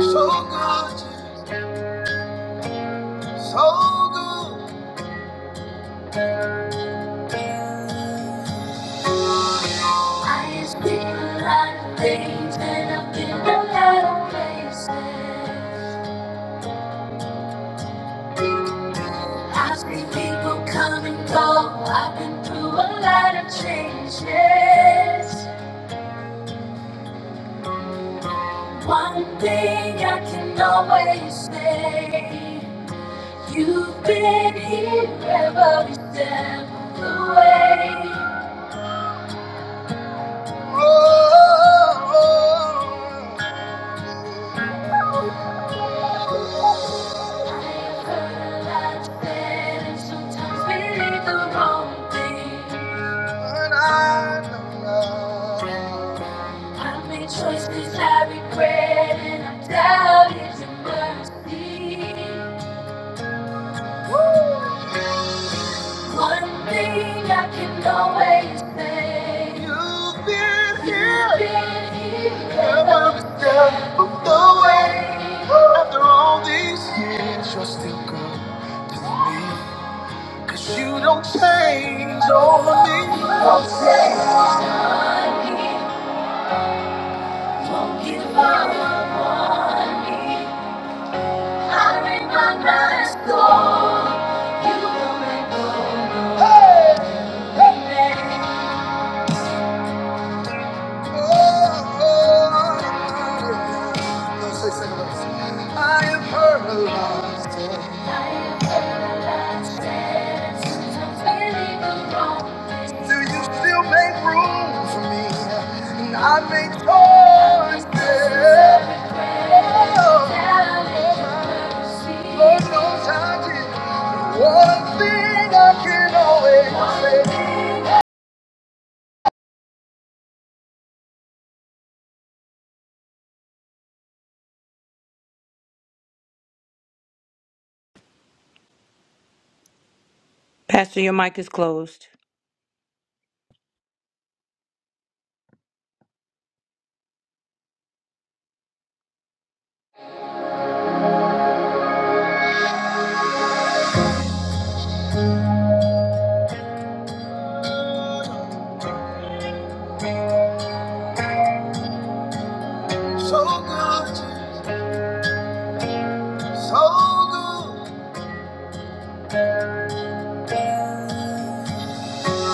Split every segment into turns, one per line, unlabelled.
So gorgeous, so good. I used to be a lot of things, and I've been a lot of places. I've seen people come and go. I've been through a lot of changes. One thing I can always say, you've been here every step of the way. Oh, oh, oh. Choices I regret and I doubt it's a mercy. Woo! One thing I can always say. You've been here. You've been here. Every step of the way. After all these years, you're still good to me, 'cause you don't change over me. Don't change on me. Won't give up on me. I read my remember it's You will make more. Hey! Hey! I have heard the Lord say, Do you still make room for me? And I make choices. Lord knows I did. One thing I can always say.
Pastor, your mic is closed.
So good, so good.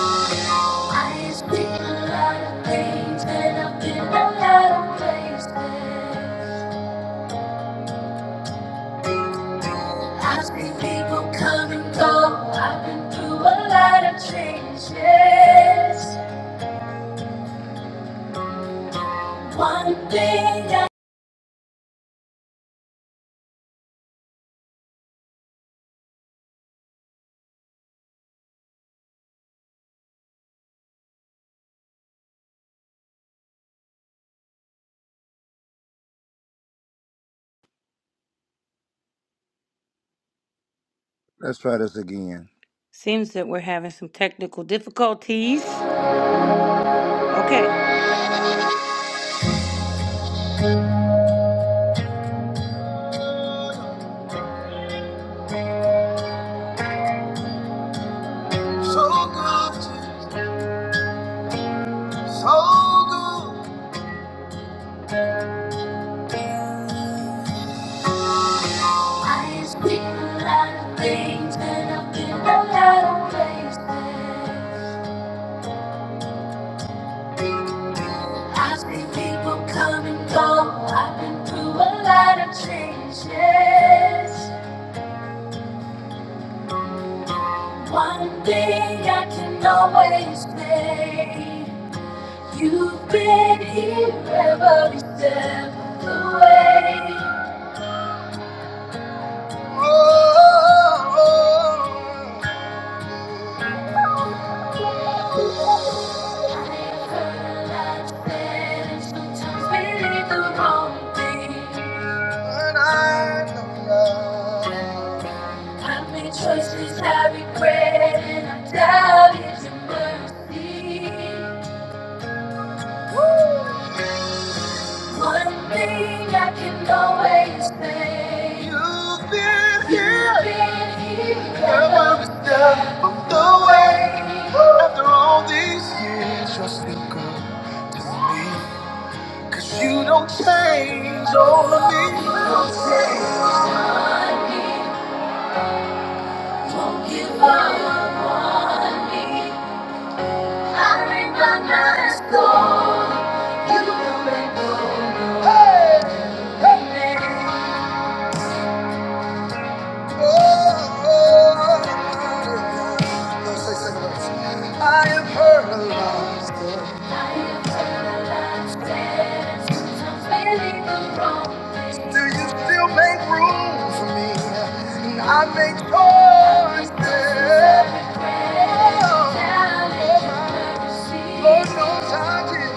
I've been a lot of things and I've been a lot of places. I've seen people come and go. I've been through a lot of changes. One thing that Let's try this again.
Seems that we're having some technical difficulties. Okay.
So good, so good. I've been a lot of things and I've been a lot of places. I've seen people come and go. I've been through a lot of changes. One thing I can always say, you've been here every step of the way. Oh, oh, oh, oh. Choices I regret and I doubt it's a mercy. One thing I can always say You've been here, You've been here girl, every step of the way. After all these years, you're still good to me. 'Cause you don't change over me. You don't change on me. Don't give up on me. Hey! Hey! I am paralyzed. I am paralyzed. I'm feeling the wrong thing. Do you still make room for me? And I make choices. Oh, Lord knows I did.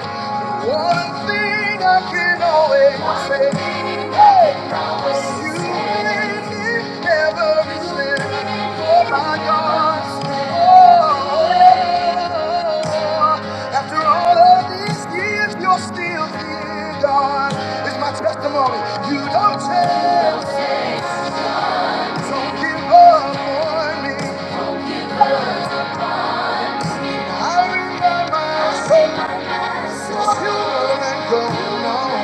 One thing I can always say. Hey. Testimony, you don't change, don't give up on me. I remind myself, you're and going on.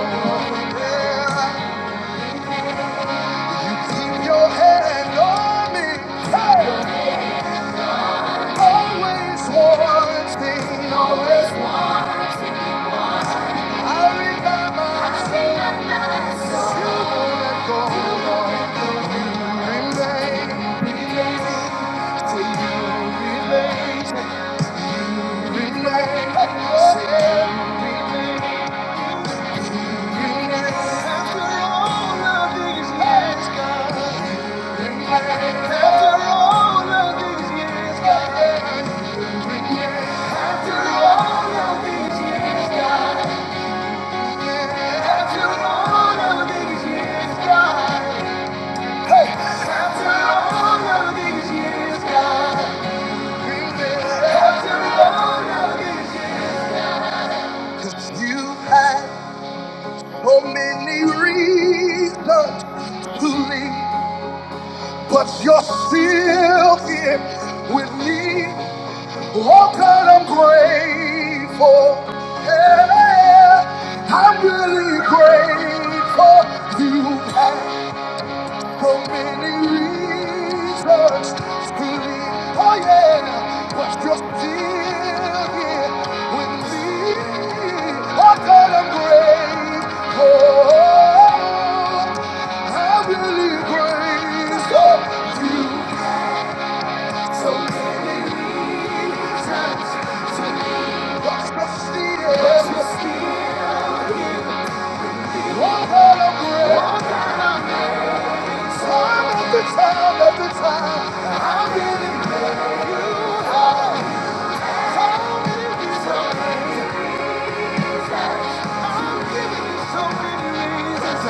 Yeah, you keep your hand on me. Hey! Always one thing, always one. I remember, I remember, you won't let go, Lord. You remain, say you remain, you remain, say you remain, you remain. After all of these years, God, after all of these years, God, after all of these years. God. After all of these years, God. After all of these years, God. After all of these you had so many reasons to leave, but you're still here with me. Oh God, I'm grateful. Yeah, I'm really grateful. You have. So many reasons to believe, oh yeah, but you're still here with me. Oh God, I'm grateful. I'm really grateful. So many reasons, but you're still, but you're still. Oh God, I'm grateful. Time after time after time, I'm really grateful. So many reasons, so many reasons.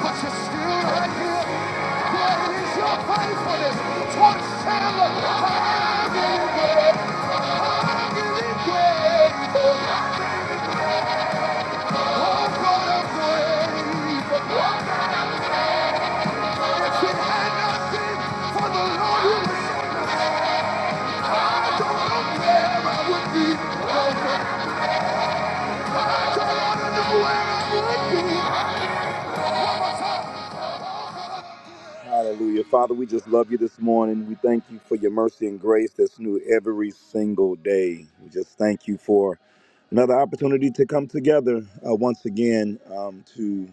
But you're still right here. What is your faithfulness? Towards Taylor, I've been great. I've been grateful. Oh, God, I'm for the Lord. Hallelujah. Father, we just love you this morning. We thank you for your mercy and grace that's new every single day. We just thank you for another opportunity to come together uh, once again um, to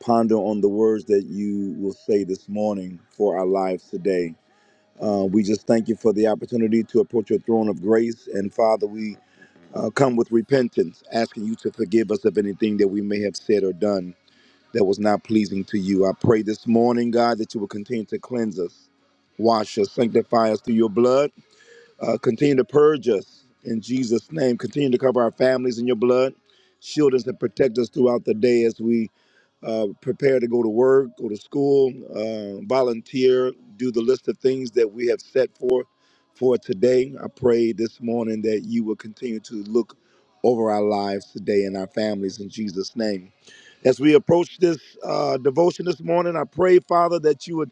ponder on the words that you will say this morning for our lives today. Uh, we just thank you for the opportunity to approach your throne of grace. And Father, we uh, come with repentance, asking you to forgive us of anything that we may have said or done that was not pleasing to you. I pray this morning, God, that you will continue to cleanse us, wash us, sanctify us through your blood, uh, continue to purge us in Jesus' name. Continue to cover our families in your blood, shield us and protect us throughout the day as we uh, prepare to go to work, go to school, uh, volunteer, do the list of things that we have set for for today. I pray this morning that you will continue to look over our lives today and our families in Jesus' name. As we approach this uh, devotion this morning, I pray, Father, that you would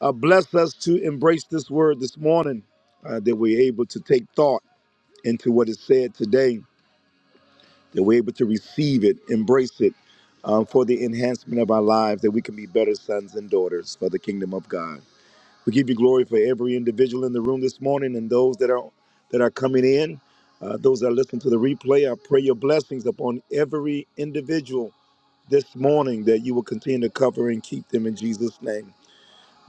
uh, bless us to embrace this word this morning, uh, that we're able to take thought into what is said today that we're able to receive it, embrace it um, for the enhancement of our lives, that we can be better sons and daughters for the kingdom of God. We give you glory for every individual in the room this morning and those that are that are coming in, uh, those that are listening to the replay. I pray your blessings upon every individual this morning that you will continue to cover and keep them in Jesus' name.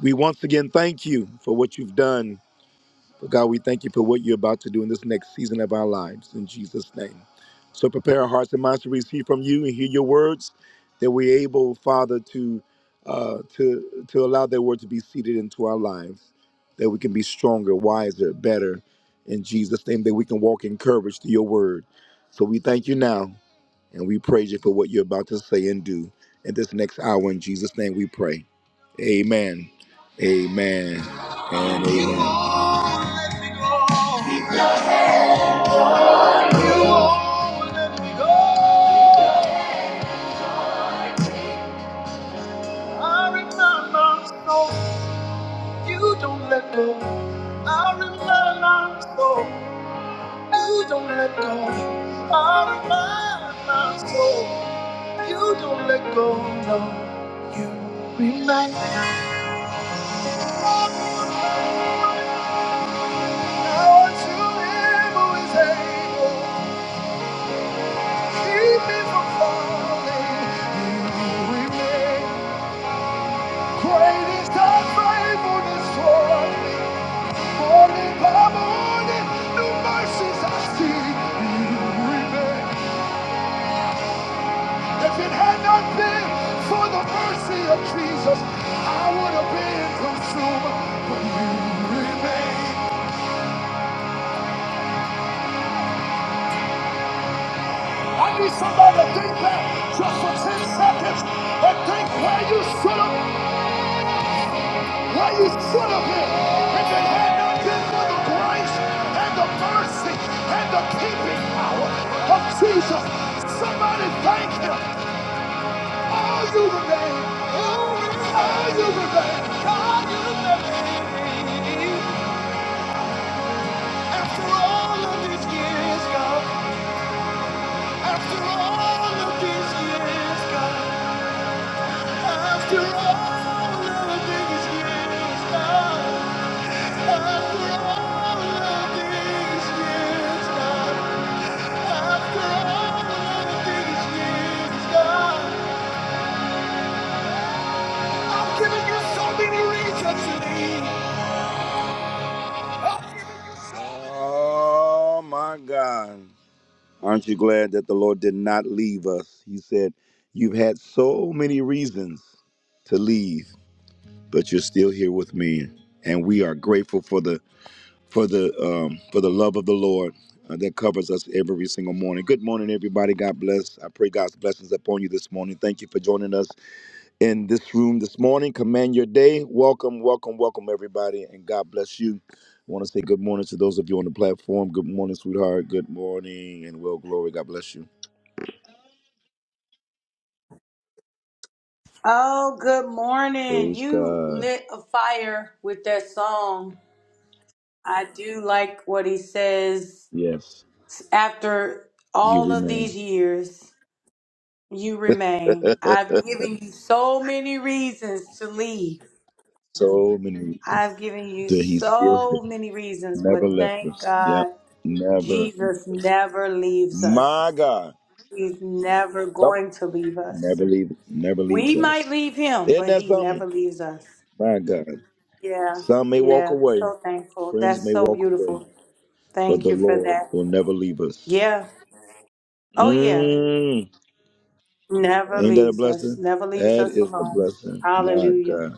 We once again thank you for what you've done but God, we thank you for what you're about to do in this next season of our lives in Jesus' name. So prepare our hearts and minds to receive from you and hear your words, that we're able, Father, to uh, to to allow that word to be seeded into our lives, that we can be stronger, wiser, better in Jesus' name, that we can walk in courage to your word. So we thank you now and we praise you for what you're about to say and do in this next hour. In Jesus' name we pray. Amen. Amen. And amen. You don't let go. I rely on my soul. You don't let go. I rely on my soul. You don't let go. No, you remind remain. Lord, you live who is able. Keep me from falling. You remain. Great is thy faithfulness toward me. Morning by morning, new mercies I see. You remain. If it had not been for the mercy of Jesus, I would have been consumed. But you remain. I need somebody to think back just for 10 seconds and think where you should have, where you should have been. If it had not been for the grace and the mercy and the keeping power of Jesus, somebody thank him. All you remain. All you remain. God, you remain. so Oh my God. Aren't you glad that the Lord did not leave us? He said, You've had so many reasons to leave. but you're still here with me and we are grateful for the for the um, for the love of the lord uh, that covers us every single morning good morning everybody god bless i pray god's blessings upon you this morning thank you for joining us in this room this morning command your day welcome welcome welcome everybody and god bless you i want to say good morning to those of you on the platform good morning sweetheart good morning and well glory god bless you
Oh, good morning.
praise
You
god
lit a fire with that song. I do like what he says.
yes
After
you
all of
remain
these years, you remain. I've given you so many reasons to leave.
so many
I've given you
that he's still here
so many reasons,
Never
but
left
thank
us. Yep.
God
Never.
Jesus never leaves
My
us.
God.
He's never
Come.
going to leave us.
Never leave. Never
We
leaves
might
us.
leave him,
Isn't
but
that
he
something?
never leaves us.
My God.
Yeah,
Some may walk
yeah.
away.
So thankful.
Friends
That's
may
so
walk away,
beautiful.
but
Thank
the
you for
Lord
that.
will never leave us.
Yeah. Oh, yeah.
Mm.
Never
Ain't that a
leaves us.
blessing?
Never leaves
That
us
is a
alone.
blessing. My
Hallelujah.
God.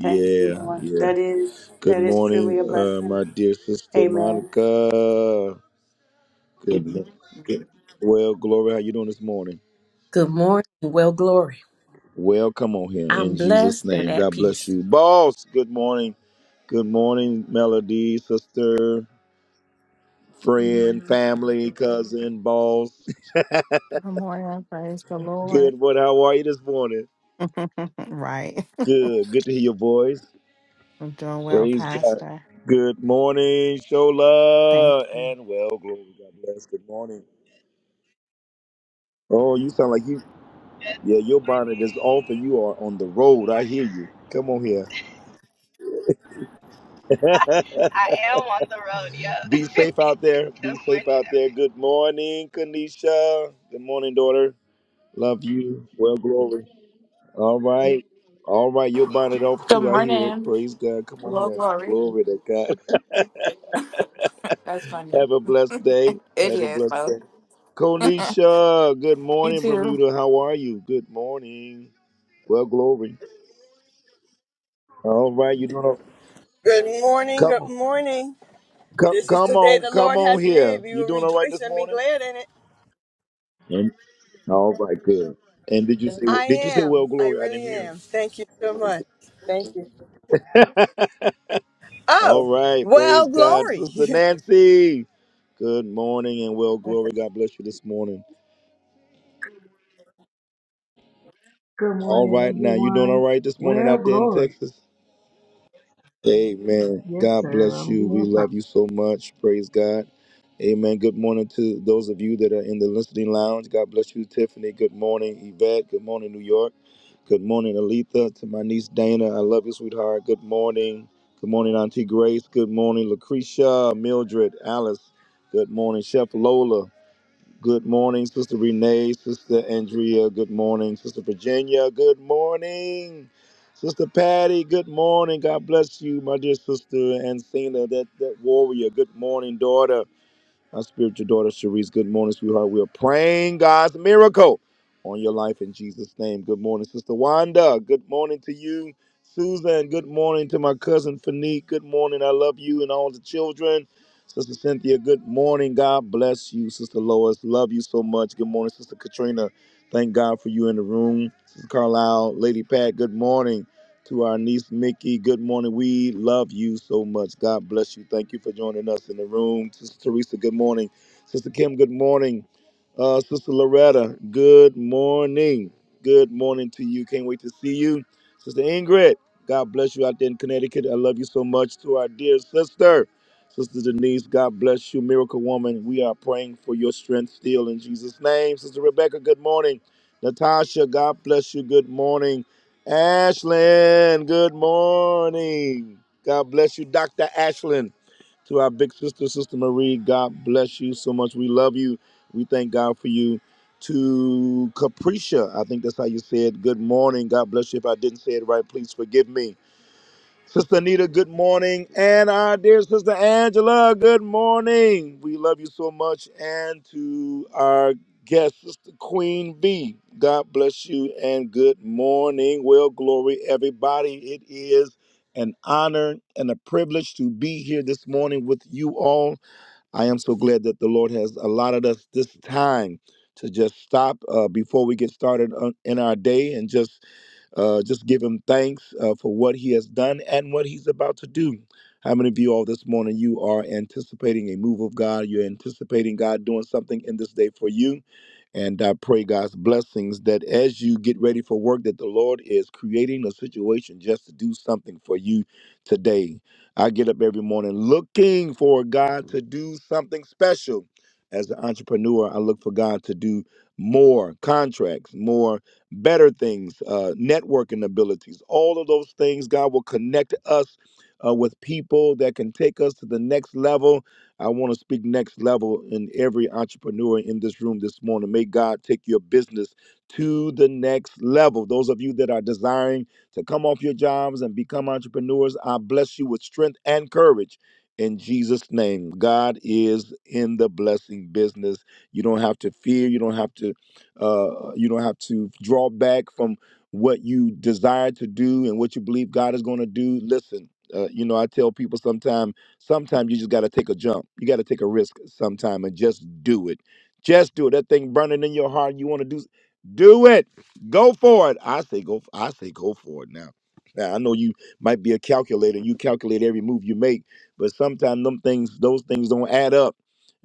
Thank you, Lord.
yeah.
That is
Good
that is
morning,
truly a
uh,
blessing.
my dear sister
Amen.
Monica. Good. Good morning. Well, Gloria, how you doing this morning?
Good morning. Well, glory.
Well, come on here
I'm
in Jesus'
blessed and
name.
at
God bless
peace.
you. Boss, good morning. Good morning, Melody, sister, friend, family, cousin, boss.
Good morning. Praise the Lord.
Good. What? How are you this morning?
Right.
Good. Good to hear your voice.
I'm doing well,
Praise God.
Pastor.
Good morning,
Thank
Shola,
you.
and well, glory. God bless. Good morning. Oh, you sound like you. Yeah, your bonnet is
Bethany.
off, and you are on the road. I hear you. Come on here.
I am on the road, Yeah.
Be safe out there.
Good
Be safe
morning,
out
everyone.
there. Good morning, Kanisha. Good morning, daughter. Love you. Well, glory. All right. All right. You'll bind it off
Good
too. I hear it.
morning.
Praise God. Come on
Hello,
here.
Glory.
Glory to God.
That's funny.
Have a blessed day.
It
Have a
is,
blessed
though.
day. Konisha, good
You
morning,
too.
Bermuda. How are you? Good morning. Well, glory. All right. You doing all- right?
Good morning,
Come
good
on.
morning.
Come,
This is
come
the day
on.
the
Come
Lord
on
has
here.
made. We
You
will
doing all right
rejoice
this
and be
morning?
glad in it.
All right, good. And did you say
I
did you say
am.
well
I
glory? I didn't
really
hear
am. Thank you so much. Thank you.
it.
Oh,
All right,
well,
praise God.
glory.
Sister Nancy. Good morning and well glory. God bless you this morning.
Good
All right
morning,
now. You doing all
everyone.
right this morning
Well,
out there in
glory.
Texas? Amen.
Yes,
God
sir.
bless
I'm
you. We
doing fine.
love you so much. Praise God. Amen. Good morning to those of you that are in the listening lounge. God bless you, Tiffany. Good morning, Yvette. Good morning, New York. Good morning, Aletha. To my niece Dana. I love you, sweetheart. Good morning. Good morning, Auntie Grace. Good morning, Lucretia, Mildred, Alice. Good morning, Chef Lola. Good morning, Sister Renee, Sister Andrea. Good morning, Sister Virginia. Good morning, Sister Patty. Good morning. God bless you, my dear sister and Cena, that, that warrior. Good morning, daughter. Our spiritual daughter, Cherise, good morning, sweetheart. We are praying God's miracle on your life in Jesus' name. Good morning, Sister Wanda. Good morning to you, Susan. Good morning to my cousin, Fanique. Good morning. I love you and all the children. Sister Cynthia, good morning. God bless you. Sister Lois, love you so much. Good morning, Sister Katrina. Thank God for you in the room. Sister Carlisle, Lady Pat, good morning. To our niece Mickey, good morning. We love you so much. God bless you. Thank you for joining us in the room. Sister Teresa, good morning. Sister Kim, good morning. Uh, Sister Loretta, good morning. Good morning to you. Can't wait to see you. Sister Ingrid, God bless you out there in Connecticut. I love you so much. To our dear sister, Sister Denise, God bless you. Miracle Woman, we are praying for your strength still in Jesus' name. Sister Rebecca, good morning. Natasha, God bless you. Good morning. Ashlyn, good morning. God bless you, Dr. Ashlyn. To our big sister, Sister Marie, God bless you so much. We love you. We thank God for you. To Capricia, I think that's how you said good morning. God bless you. If I didn't say it right, please forgive me. Sister Anita, good morning. And our dear Sister Angela, good morning. We love you so much. And to our guest, Sister Queen B, God bless you and good morning. Well, glory, everybody. It is an honor and a privilege to be here this morning with you all. I am so glad that the Lord has allotted us this time to just stop uh, before we get started on- in our day and just uh, just give him thanks uh, for what he has done and what he's about to do. How many of you all this morning you are anticipating a move of God? You're anticipating God doing something in this day for you. And I pray God's blessings that as you get ready for work, that the Lord is creating a situation just to do something for you today. I get up every morning looking for God to do something special. As an entrepreneur, I look for God to do more contracts, more better things, uh, networking abilities. All of those things, God will connect us uh, with people that can take us to the next level. I want to speak next level in every entrepreneur in this room this morning. May God take your business to the next level. Those of you that are desiring to come off your jobs and become entrepreneurs, I bless you with strength and courage. In Jesus' name, God is in the blessing business. You don't have to fear. You don't have to uh, you don't have to draw back from what you desire to do and what you believe God is going to do. Listen, uh, you know, I tell people sometimes, sometimes you just got to take a jump. You got to take a risk sometime and just do it. Just do it. That thing burning in your heart, you want to do, do it. Go for it. I say go. I say go for it now. Now I know you might be a calculator. You calculate every move you make, but sometimes them things, those things don't add up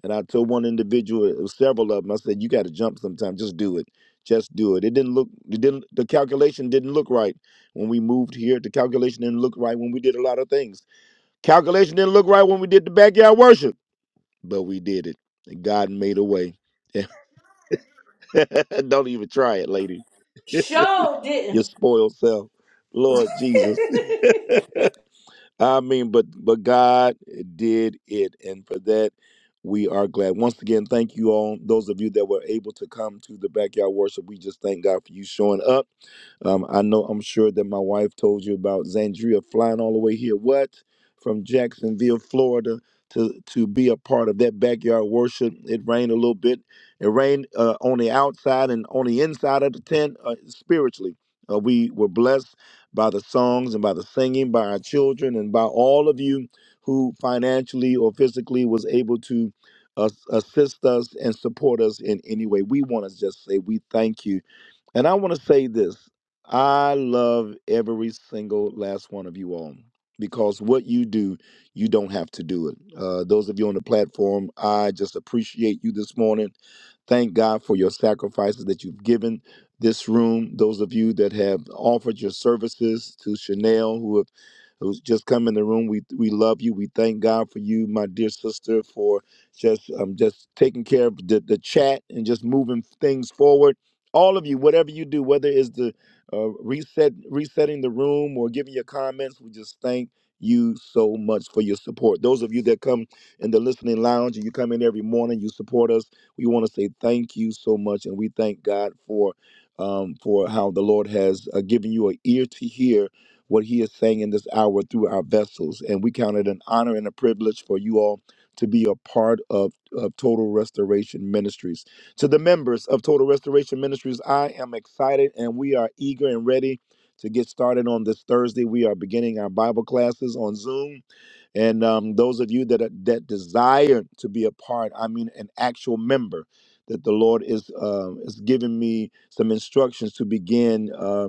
and I told one individual, it was several of them, I said, "You got to jump sometime. Just do it. Just do it." It didn't look. It didn't. The calculation didn't look right when we moved here. The calculation didn't look right when we did a lot of things. Calculation didn't look right when we did the backyard worship, but we did it. And God made a way. Don't even try it, lady.
Show
Your
didn't.
spoiled self. Lord Jesus. I mean, but but God did it, and for that we are glad. Once again, thank you all. Those of you that were able to come to the backyard worship, we just thank God for you showing up. Um, I know I'm sure that my wife told you about Zandria flying all the way here. What from Jacksonville, Florida, to to be a part of that backyard worship. It rained a little bit. It rained uh, on the outside and on the inside of the tent uh, spiritually. Uh, we were blessed by the songs and by the singing, by our children, and by all of you who financially or physically was able to uh, assist us and support us in any way. We want to just say we thank you and I want to say this I love every single last one of you all because what you do, you don't have to do it. Uh, those of you on the platform, I just appreciate you this morning. Thank God for your sacrifices that you've given this room. Those of you that have offered your services to Chanel, who have who's just come in the room, we we love you. We thank God for you, my dear sister, for just um, just taking care of the, the chat and just moving things forward all of you, whatever you do, whether it's the uh, reset, resetting the room, or giving your comments, we just thank you so much for your support. Those of you that come in the listening lounge and you come in every morning, you support us. We want to say thank you so much, and we thank God for um, for how the Lord has uh, given you an ear to hear what He is saying in this hour through our vessels. And we count it an honor and a privilege for you all to be a part of, of Total Restoration Ministries. To the members of Total Restoration Ministries, I am excited and we are eager and ready to get started on this Thursday. We are beginning our Bible classes on Zoom. And um, those of you that, are- that desire to be a part, I mean, an actual member, that the Lord is, um is giving me some instructions to begin. uh,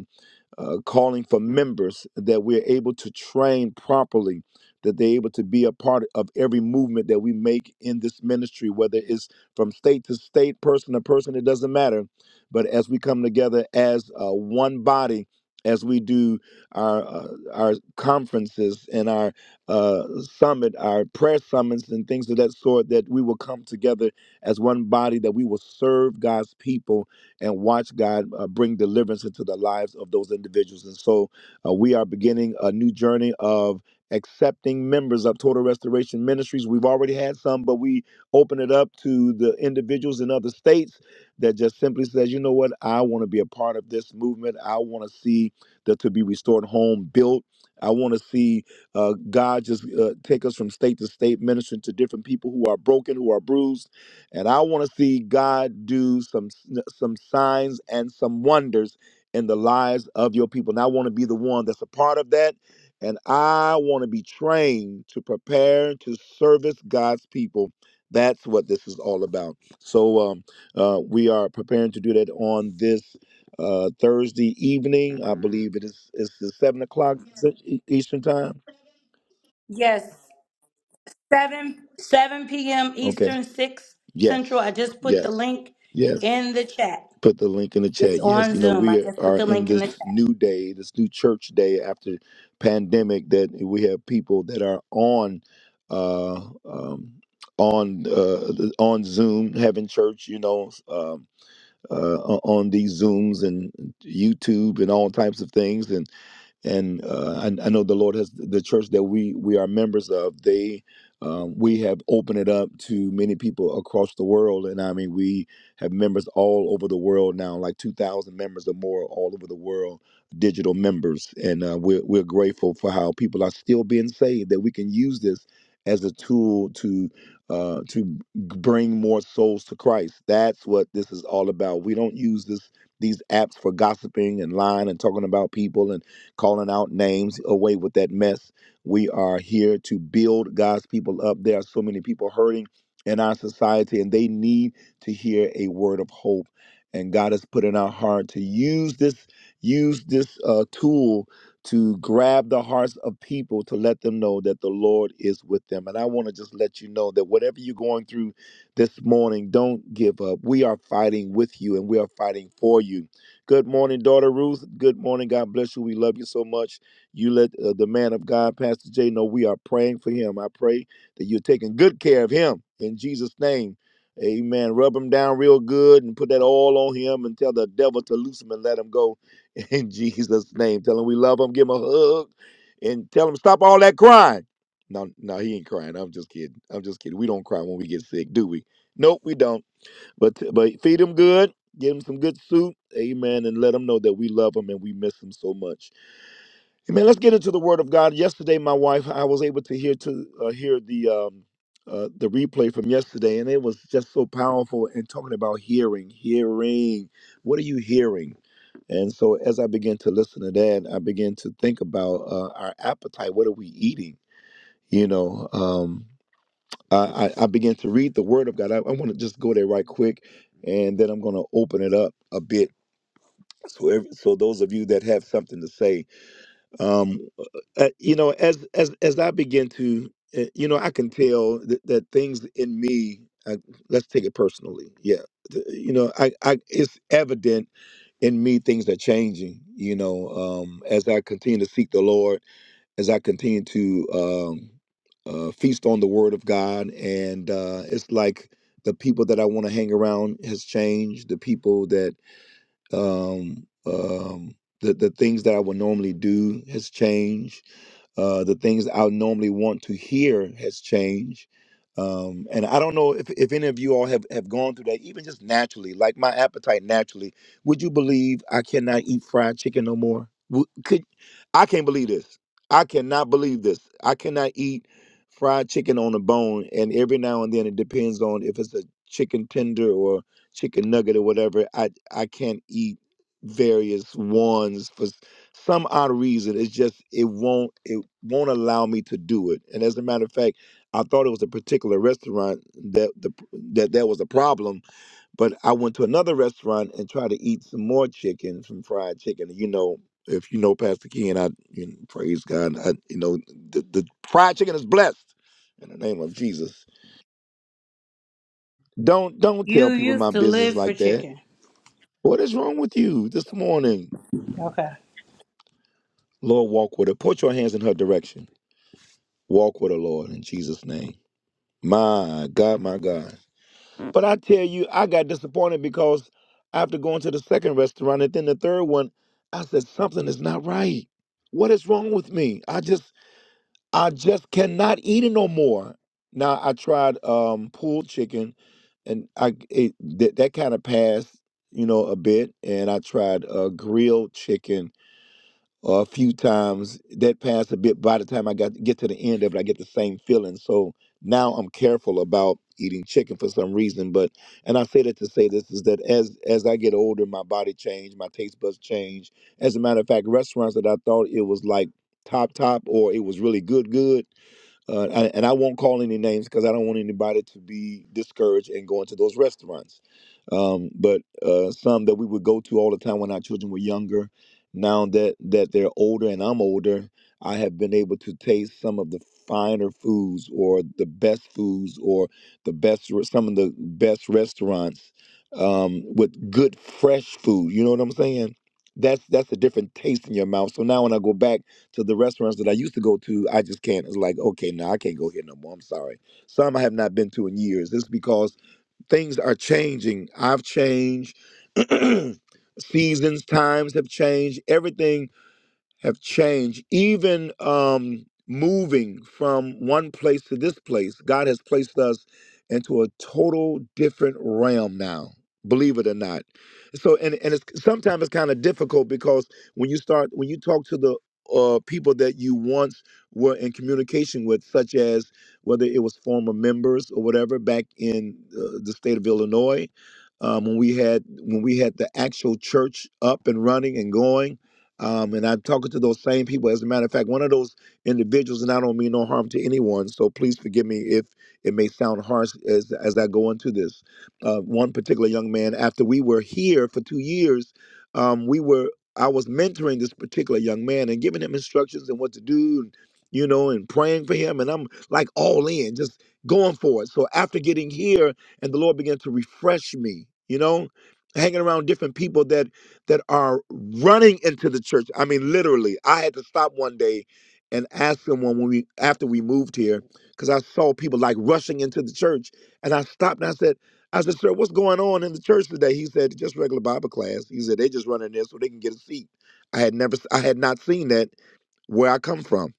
uh, calling for members that we're able to train properly, that they're able to be a part of every movement that we make in this ministry, whether it's from state to state, person to person, it doesn't matter. But as we come together as uh, one body, as we do our uh, our conferences and our uh, summit, our prayer summits and things of that sort, that we will come together as one body, that we will serve God's people and watch God uh, bring deliverance into the lives of those individuals. And so uh, we are beginning a new journey of accepting members of Total Restoration Ministries. We've already had some, but we open it up to the individuals in other states that just simply says, you know what, I want to be a part of this movement. I want to see the To Be Restored home built. I want to see uh, God just uh, take us from state to state, ministering to different people who are broken, who are bruised and I want to see God do some some signs and some wonders in the lives of your people. And I want to be the one that's a part of that. And I want to be trained to prepare to service God's people. That's what this is all about. So um, uh, we are preparing to do that on this uh, Thursday evening. I believe it is it's the seven o'clock Eastern time.
Yes, seven seven p.m.
Okay.
Eastern, six Central. I
Yes.
just put the
Yes.
link
Yes.
in the chat.
put the link in the
It's
chat. Yes,
on
you know,
Zoom. I
we
just put
are
the
in
link in the chat.
this new day, this new church day after pandemic that we have people that are on uh um on uh on Zoom having church, you know, um uh, on these Zooms and YouTube and all types of things, and uh, I, I know the Lord has the church that we we are members of. They um, we have opened it up to many people across the world, and I mean we have members all over the world now, like two thousand members or more all over the world, digital members, and uh, we're we're grateful for how people are still being saved. That we can use this as a tool to uh, to bring more souls to Christ. That's what this is all about. We don't use this these apps for gossiping and lying and talking about people calling out names, away with that mess. We are here to build God's people up. There are so many people hurting in our society, and they need to hear a word of hope. And God has put in our heart to use this use this uh, tool to grab the hearts of people to let them know that the Lord is with them. And I want to just let you know that whatever you're going through this morning, don't give up. We are fighting with you, and we are fighting for you Good morning, daughter Ruth. Good morning. God bless you. We love you so much. You let uh, the man of God, Pastor Jay, know we are praying for him. I pray that you're taking good care of him in Jesus' name. Amen. Rub him down real good and put that oil on him and tell the devil to loose him and let him go in Jesus' name. Tell him we love him. Give him a hug and tell him stop all that crying. No, no, he ain't crying. I'm just kidding. I'm just kidding. We don't cry when we get sick, do we? Nope, we don't. But but feed them good, give them some good soup, amen, and let them know that we love them and we miss them so much. Amen. Let's get into the Word of God. Yesterday, my wife, I was able to hear to uh, hear the um, uh, the replay from yesterday, and it was just so powerful. And talking about hearing, hearing, what are you hearing? And so, as I began to listen to that, I began to think about uh, our appetite. What are we eating? You know. Um, I, I I began to read the Word of God. I, I want to just go there right quick, and then I'm going to open it up a bit. So, every, so those of you that have something to say, um, uh, you know, as as as I begin to, uh, you know, I can tell that, that things in me. Uh, let's take it personally. Yeah, th- you know, I, I it's evident in me things are changing. You know, um, as I continue to seek the Lord as I continue to um, uh, feast on the Word of God, and uh, it's like the people that I want to hang around has changed. The people that um, um, the the things that I would normally do has changed uh, the things I normally want to hear has changed. Um, and I don't know if, if any of you all have, have gone through that, even just naturally, like my appetite naturally. Would you believe I cannot eat fried chicken no more? Wo- Could I can't believe this. I cannot believe this. I cannot eat fried chicken on the bone. And every now and then it depends on if it's a chicken tender or chicken nugget or whatever. I, I can't eat various ones for s- some odd reason. It's just, it won't. it won't allow me to do it. And as a matter of fact, I thought it was a particular restaurant that the that that was a problem, but I went to another restaurant and tried to eat some more chicken, some fried chicken. You know, if you know Pastor Ken, I you know, praise God. I, you know, the, the fried chicken is blessed in the name of Jesus. Don't don't tell
You
people my
used to
business
live for
like that.
chicken.
What is wrong with you this morning?
Okay.
Lord, walk with her. Put your hands in her direction. Walk with her, Lord, in Jesus' name. My God, my God. But I tell you, I got disappointed because after going to the second restaurant and then the third one, I said something is not right. What is wrong with me? I just I just cannot eat it no more. Now I tried um pulled chicken and I it, that that kind of passed, you know, a bit and I tried uh grilled chicken or a few times. That passed a bit. By the time I got get to the end of it, I get the same feeling. So now I'm careful about eating chicken for some reason. But and I say that to say this is that as as I get older, my body changed, my taste buds change. As a matter of fact, restaurants that I thought it was like top top or it was really good good uh, I- and I won't call any names because I don't want anybody to be discouraged and go into those restaurants. Um, but uh, some that we would go to all the time when our children were younger. Now that that they're older and I'm older, I have been able to taste some of the finer foods or the best foods or the best re- some of the best restaurants um, with good fresh food. You know what I'm saying? That's that's a different taste in your mouth. So now when I go back to the restaurants that I used to go to, I just can't. It's like, okay, no, I can't go here no more. I'm sorry. Some I have not been to in years. This is because things are changing. I've changed. Seasons, times have changed. Everything have changed. Even um, moving from one place to this place, God has placed us into a total different realm now. Believe it or not. So, and and it's sometimes it's kind of difficult because when you start when you talk to the uh, people that you once were in communication with, such as whether it was former members or whatever back in uh, the state of Illinois, um, when we had when we had the actual church up and running and going um, and I'm talking to those same people. As a matter of fact, one of those individuals, and I don't mean no harm to anyone, so please forgive me if it may sound harsh as, as I go into this. Uh, one particular young man, after we were here for two years, um, we were I was mentoring this particular young man and giving him instructions and what to do, and, you know, and praying for him. And I'm like all in, just going for it. So after getting here, and the Lord began to refresh me, you know, hanging around different people that that are running into the church. I mean, literally, I had to stop one day and ask someone when we after we moved here because I saw people like rushing into the church, and I stopped and I said, "I said, sir, what's going on in the church today?" He said, "Just regular Bible class." He said, "They just running there so they can get a seat." I had never, I had not seen that where I come from.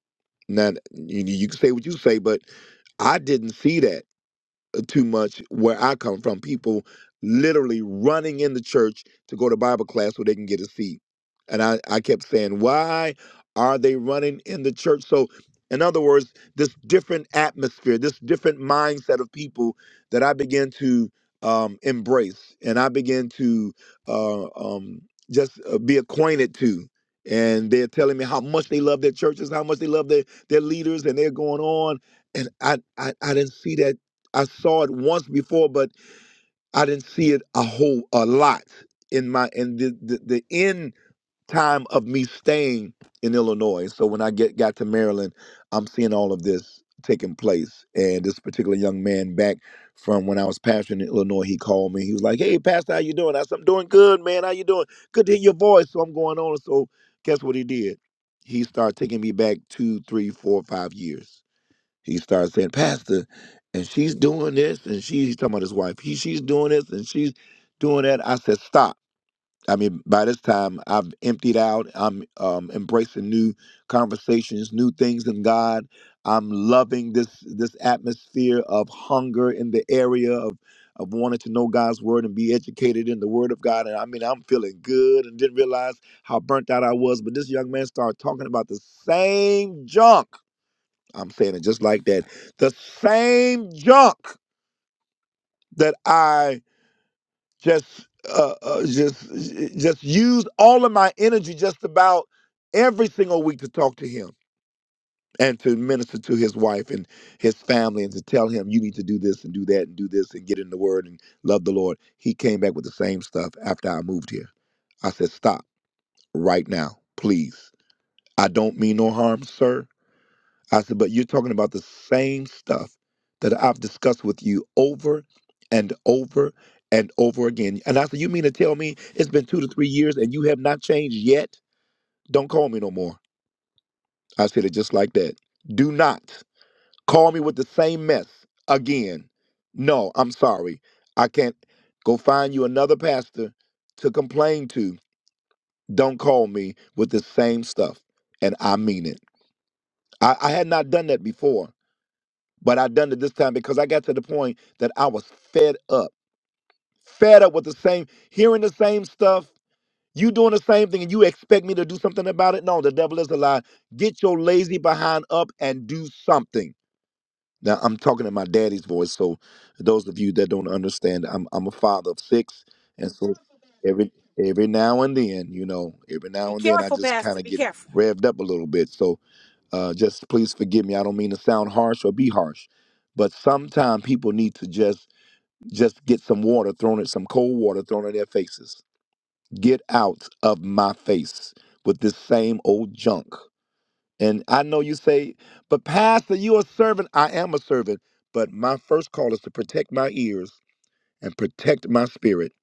Now you, you can say what you say, but I didn't see that too much where I come from. People literally running in the church to go to Bible class so they can get a seat. And I, I kept saying, why are they running in the church? So, in other words, this different atmosphere, this different mindset of people that I began to um, embrace and I began to uh, um, just uh, be acquainted to. And they're telling me how much they love their churches, how much they love their, their leaders, and they're going on. And I, I, I didn't see that I saw it once before, but I didn't see it a whole a lot in my in the the, the end time of me staying in Illinois. So when I get got to Maryland, I'm seeing all of this taking place. And this particular young man back from when I was pastoring in Illinois, he called me. He was like, "Hey, Pastor, how you doing?" I said, "I'm doing good, man. How you doing? Good to hear your voice." So I'm going on. So guess what he did? He started taking me back two, three, four, five years he started saying, Pastor, and she's doing this, and she's he's talking about his wife. He, she's doing this, and she's doing that. I said, stop. I mean, by this time, I've emptied out. I'm um, embracing new conversations, new things in God. I'm loving this this atmosphere of hunger in the area of of wanting to know God's word and be educated in the word of God. And I mean, I'm feeling good and didn't realize how burnt out I was. But this young man started talking about the same junk I'm saying it just like that. The same junk that I just uh, uh just just used all of my energy just about every single week to talk to him and to minister to his wife and his family and to tell him you need to do this and do that and do this and get in the word and love the Lord. He came back with the same stuff after I moved here. I said, "Stop right now, please. I don't mean no harm, sir. I said, but you're talking about the same stuff that I've discussed with you over and over and over again. And I said, you mean to tell me it's been two to three years and you have not changed yet? Don't call me no more. I said it just like that. Do not call me with the same mess again. No, I'm sorry. I can't go find you another pastor to complain to. Don't call me with the same stuff. And I mean it. I, I had not done that before But I done it this time because I got to the point that I was fed up. Fed up with the same, hearing the same stuff, you doing the same thing, and you expect me to do something about it. No, the devil is a lie. Get your lazy behind up and do something. Now I'm talking in my daddy's voice. So those of you that don't understand, I'm I'm a father of six. And so every every now and then, you know, every
Be
now and then I
careful,
just kind
Pastor.
of
Be
get
careful.
revved up a little bit. So uh, just please forgive me. I don't mean to sound harsh or be harsh, but sometimes people need to just just get some water thrown at some cold water thrown in their faces. Get out of my face with this same old junk. And I know you say, but Pastor, you are a servant. I am a servant, but my first call is to protect my ears and protect my spirit.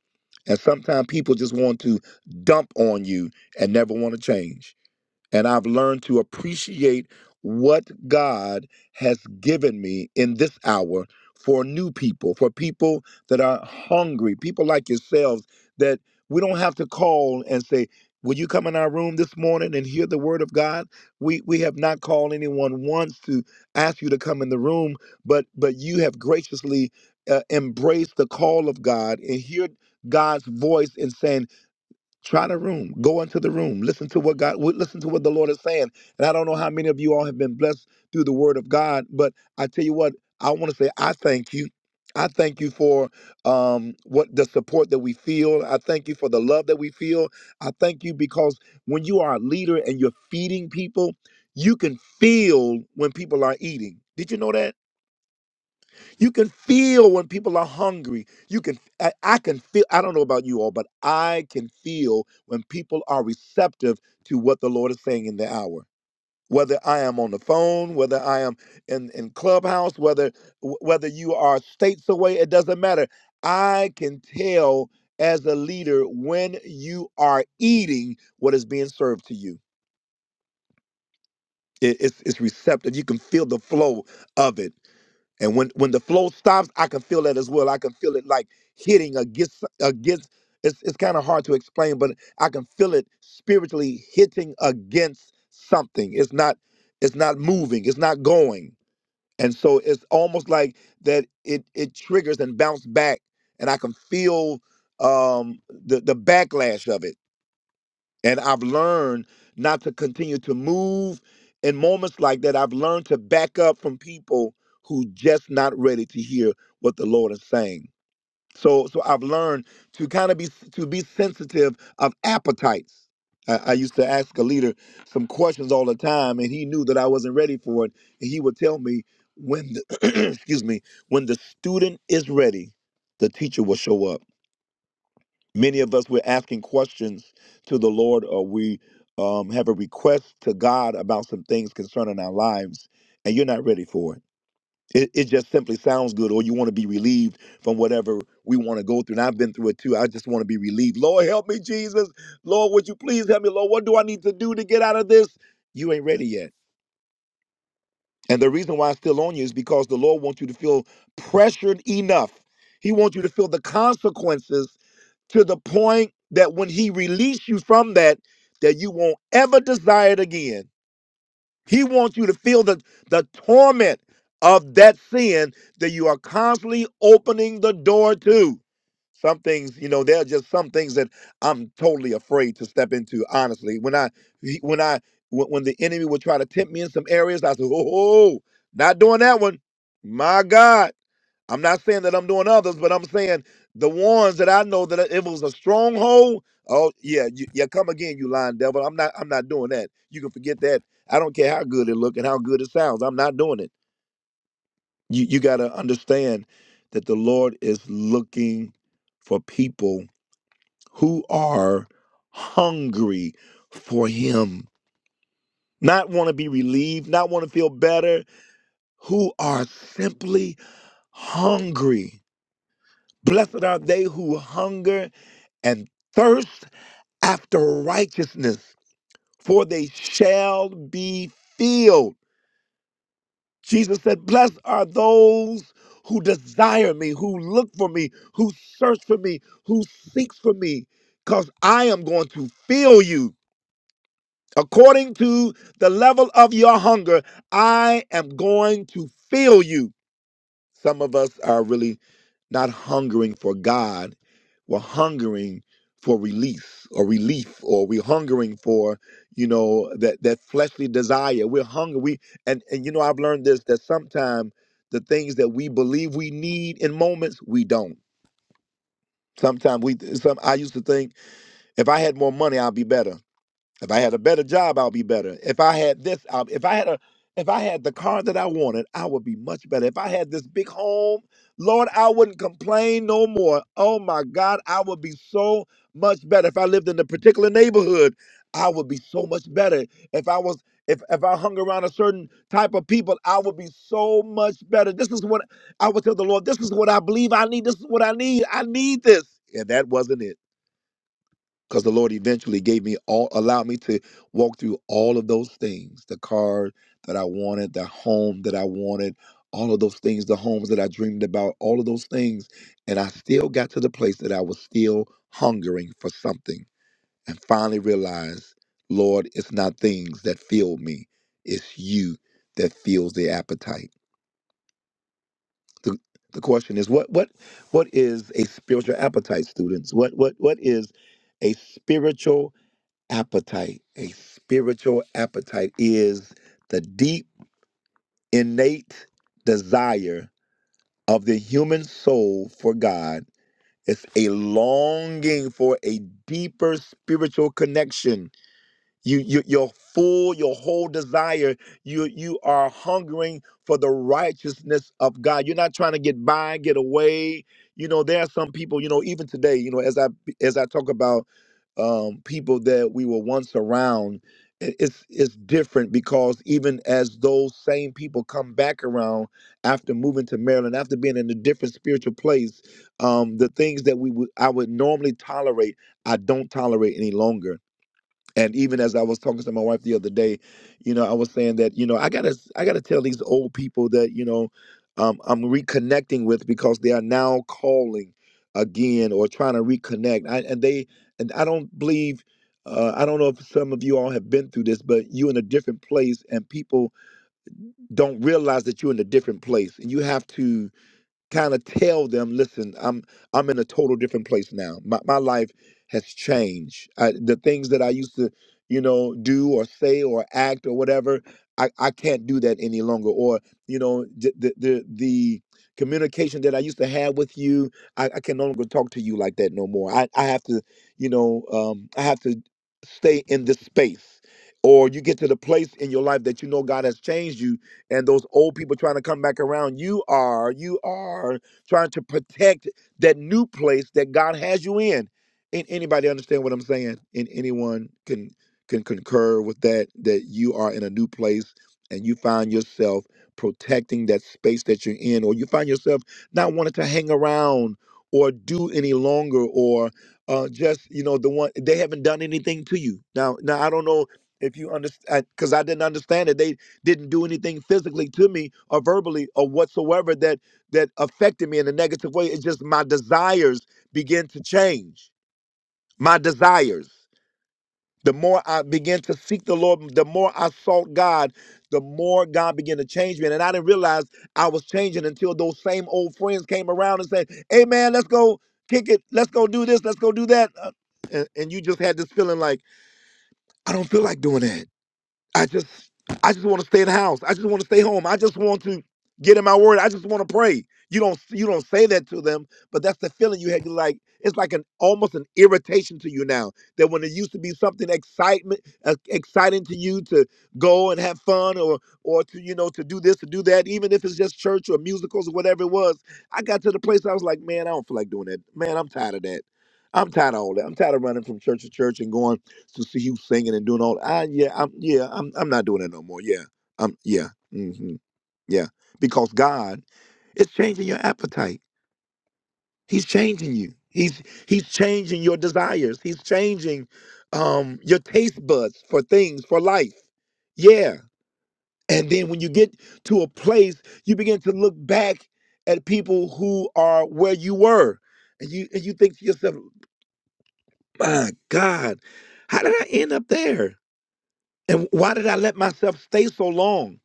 And sometimes people just want to dump on you and never want to change and I've learned to appreciate what God has given me in this hour for new people, for people that are hungry, people like yourselves that we don't have to call and say, Will you come in our room this morning and hear the word of God? We we have not called anyone once to ask you to come in the room, but but you have graciously uh, embraced the call of God and hear God's voice in saying, Try the room. Go into the room. Listen to what God. w- Listen to what the Lord is saying. And I don't know how many of you all have been blessed through the Word of God, but I tell you what, I want to say I thank you. I thank you for um, what the support that we feel. I thank you for the love that we feel. I thank you because when you are a leader and you're feeding people, you can feel when people are eating. Did you know that? You can feel when people are hungry. You can, I, I can feel, I don't know about you all, but I can feel when people are receptive to what the Lord is saying in the hour. Whether I am on the phone, whether I am in, in clubhouse, whether wh- whether you are states away, it doesn't matter. I can tell as a leader when you are eating what is being served to you. It- it's, it's receptive. You can feel the flow of it. And when when the flow stops, I can feel that as well. I can feel it like hitting against against. It's it's kind of hard to explain, but I can feel it spiritually hitting against something. It's not it's not moving. It's not going. And so it's almost like that. It it triggers and bounce back, and I can feel um the the backlash of it and I've learned not to continue to move in moments like that. I've learned to back up from people who just not ready to hear what the Lord is saying. So so I've learned to kind of be to be sensitive of appetites. I, I used to ask a leader some questions all the time, and he knew that I wasn't ready for it. And he would tell me when the excuse me, when the student is ready, the teacher will show up many of us we're asking questions to the lord or we um, have a request to god about some things concerning our lives and you're not ready for it it, it just simply sounds good or you want to be relieved from whatever we want to go through and i've been through it too i just want to be relieved lord help me jesus lord would you please help me lord what do i need to do to get out of this you ain't ready yet and the reason why it's still on you is because the lord wants you to feel pressured enough he wants you to feel the consequences to the point that when he released you from that, that you won't ever desire it again. He wants you to feel the, the torment of that sin that you are constantly opening the door to. Some things, you know, there are just some things that I'm totally afraid to step into. Honestly, when I, when I, when, when the enemy would try to tempt me in some areas, I said, "Oh, not doing that one." My God, I'm not saying that I'm doing others, but I'm saying the ones that I know that if it was a stronghold. Oh yeah, you, yeah, come again, you lying devil. I'm not. I'm not doing that. You can forget that. I don't care how good it look and how good it sounds. I'm not doing it. You you got to understand that the Lord is looking for people who are hungry for Him, not want to be relieved, not want to feel better, who are simply hungry Blessed are they who hunger and thirst after righteousness, for they shall be filled. Jesus said, Blessed are those who desire me, who look for me, who search for me, who seeks for me, because I am going to fill you. According to the level of your hunger, I am going to fill you. Some of us are really not hungering for God. We're hungering for release or relief, or we're hungering for, you know, that that fleshly desire. We're hungry. We and and you know, I've learned this that sometimes the things that we believe we need in moments, we don't. Sometimes we some I used to think if I had more money, I'd be better. If I had a better job, I'll be better. If I had this, I'll, if I had a, if I had the car that I wanted, I would be much better. If I had this big home, Lord, I wouldn't complain no more. Oh my God, I would be so much better. If I lived in a particular neighborhood, I would be so much better. If I was, if if I hung around a certain type of people, I would be so much better. This is what I would tell the Lord. This is what I believe I need. This is what I need. I need this. And that wasn't it because the Lord eventually gave me all, allowed me to walk through all of those things the car that I wanted, the home that I wanted, all of those things, the homes that I dreamed about, all of those things. And I still got to the place that I was still hungering for something and finally realized, Lord, it's not things that fill me, it's you that fills the appetite. The, the question is what what what is a spiritual appetite students what what what is a spiritual appetite. A spiritual appetite is the deep, innate desire of the human soul for God. It's a longing for a deeper spiritual connection you, you your full your whole desire you you are hungering for the righteousness of god you're not trying to get by get away you know there are some people you know even today you know as i as i talk about um people that we were once around i- it's it's different because even as those same people come back around after moving to maryland after being in a different spiritual place um the things that we would i would normally tolerate i don't tolerate any longer and even as I was talking to my wife the other day, you know, I was saying that, you know, I gotta I gotta tell these old people that, you know, um, I'm reconnecting with because they are now calling again or trying to reconnect. I, and they and I don't believe uh, I don't know if some of you all have been through this, but you in a different place and people don't realize that you're in a different place. And you have to kind of tell them, listen, I'm I'm in a total different place now. My my life has changed. I, the things that I used to, you know, do or say or act or whatever, I, I can't do that any longer. Or you know, the the the, the communication that I used to have with you, I, I can no longer talk to you like that no more. I I have to, you know, um, I have to stay in this space. Or you get to the place in your life that you know God has changed you and those old people trying to come back around. You are, you are trying to protect that new place that God has you in. And anybody understand what I'm saying? And anyone can can concur with that that you are in a new place and you find yourself protecting that space that you're in, or you find yourself not wanting to hang around or do any longer, or uh, just you know the one they haven't done anything to you. Now, now I don't know if you understand because I didn't understand it. They didn't do anything physically to me or verbally or whatsoever that that affected me in a negative way it's just my desires begin to change my desires the more i began to seek the lord the more i sought god the more god began to change me and i didn't realize i was changing until those same old friends came around and said hey man let's go kick it let's go do this let's go do that Uh, and, and you just had this feeling like i don't feel like doing that I just I just want to stay in the house. I just want to stay home. I just want to get in my word. I just want to pray. You don't you don't say that to them, but that's the feeling you have. You like it's like an almost an irritation to you now that when it used to be something excitement uh, exciting to you to go and have fun or or to you know to do this to do that, even if it's just church or musicals or whatever it was. I got to the place I was like, man, I don't feel like doing that. Man, I'm tired of that. I'm tired of all that. I'm tired of running from church to church and going to see you singing and doing all. I yeah, I'm yeah, I'm I'm not doing it no more. Yeah, I'm yeah, hmm yeah, because God is changing your appetite. He's changing you. He's he's changing your desires. He's changing um, your taste buds for things for life. Yeah, and then when you get to a place, you begin to look back at people who are where you were, and you and you think to yourself, "My God, how did I end up there?" And why did I let myself stay so long?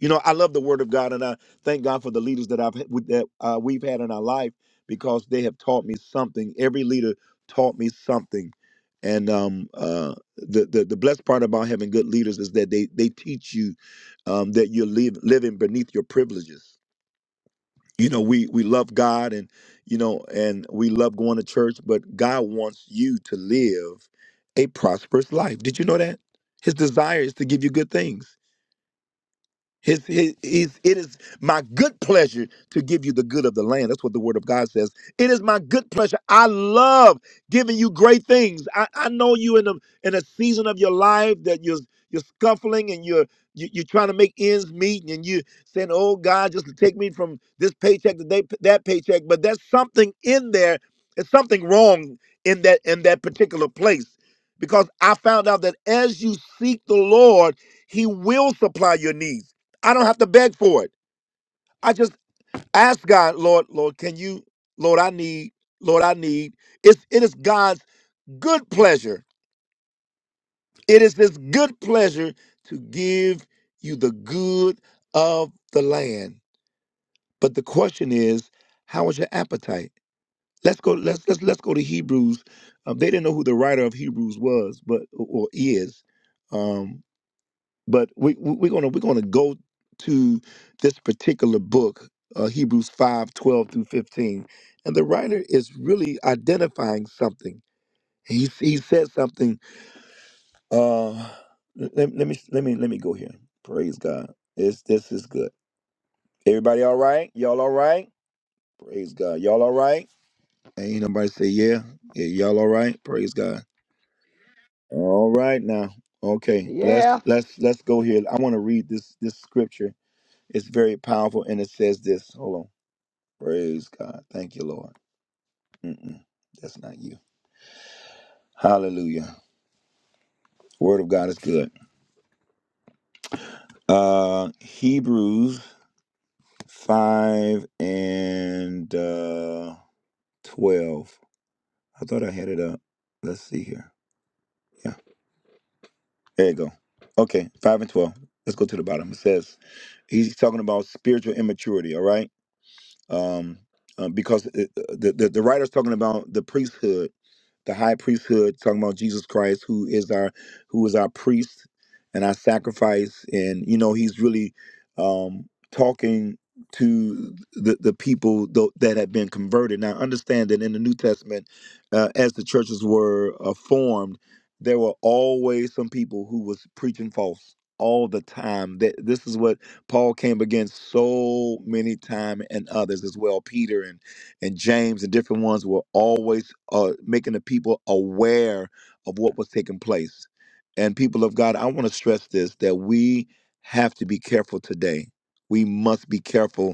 You know, I love the Word of God, and I thank God for the leaders that I've with- that uh, we've had in our life because they have taught me something. Every leader taught me something, and um, uh, the, the the blessed part about having good leaders is that they they teach you um, that you're live, living beneath your privileges you know we we love god and you know and we love going to church but god wants you to live a prosperous life did you know that his desire is to give you good things his, his, his, it is my good pleasure to give you the good of the land. That's what the word of God says. It is my good pleasure. I love giving you great things. I, I know you in a in a season of your life that you're you're scuffling and you're you, you're trying to make ends meet and you saying, "Oh God, just take me from this paycheck to that that paycheck." But there's something in there. There's something wrong in that in that particular place because I found out that as you seek the Lord, He will supply your needs. I don't have to beg for it. I just ask God, Lord, Lord, can you, Lord, I need, Lord, I need. It's it is God's good pleasure. It is His good pleasure to give you the good of the land. But the question is, how is your appetite? Let's go. Let's let's let's go to Hebrews. Um, they didn't know who the writer of Hebrews was, but or is. um, but we, we we're gonna we're gonna go to this particular book uh, hebrews 5 12 through 15 and the writer is really identifying something he, he said something uh let, let me let me let me go here praise god this this is good everybody all right y'all all right praise god y'all all right ain't nobody say yeah, yeah y'all all right praise god all right now okay let's
Yeah.
let's let's go here i want to read this this scripture It's very powerful, and it says this. Hold on. Praise God. Thank you, Lord. Mm-mm, that's not you. Hallelujah. Word of God is good. Uh, Hebrews 5 and uh, 12. I thought I had it up. Let's see here. Yeah, there you go. Okay, 5 and 12. Let's go to the bottom. It says, he's talking about spiritual immaturity, all right? um, uh, because it, uh, the, the the writer's talking about the priesthood, the high priesthood, talking about Jesus Christ, who is our who is our priest and our sacrifice, and you know he's really um, talking to the the people tho- that have been converted. Now understand that in the New Testament, uh, as the churches were uh, formed, there were always some people who was preaching false all the time. That this is what Paul came against so many times, and others as well. Peter and and James and different ones were always uh, making the people aware of what was taking place. And people of God, I want to stress this that we have to be careful today. We must be careful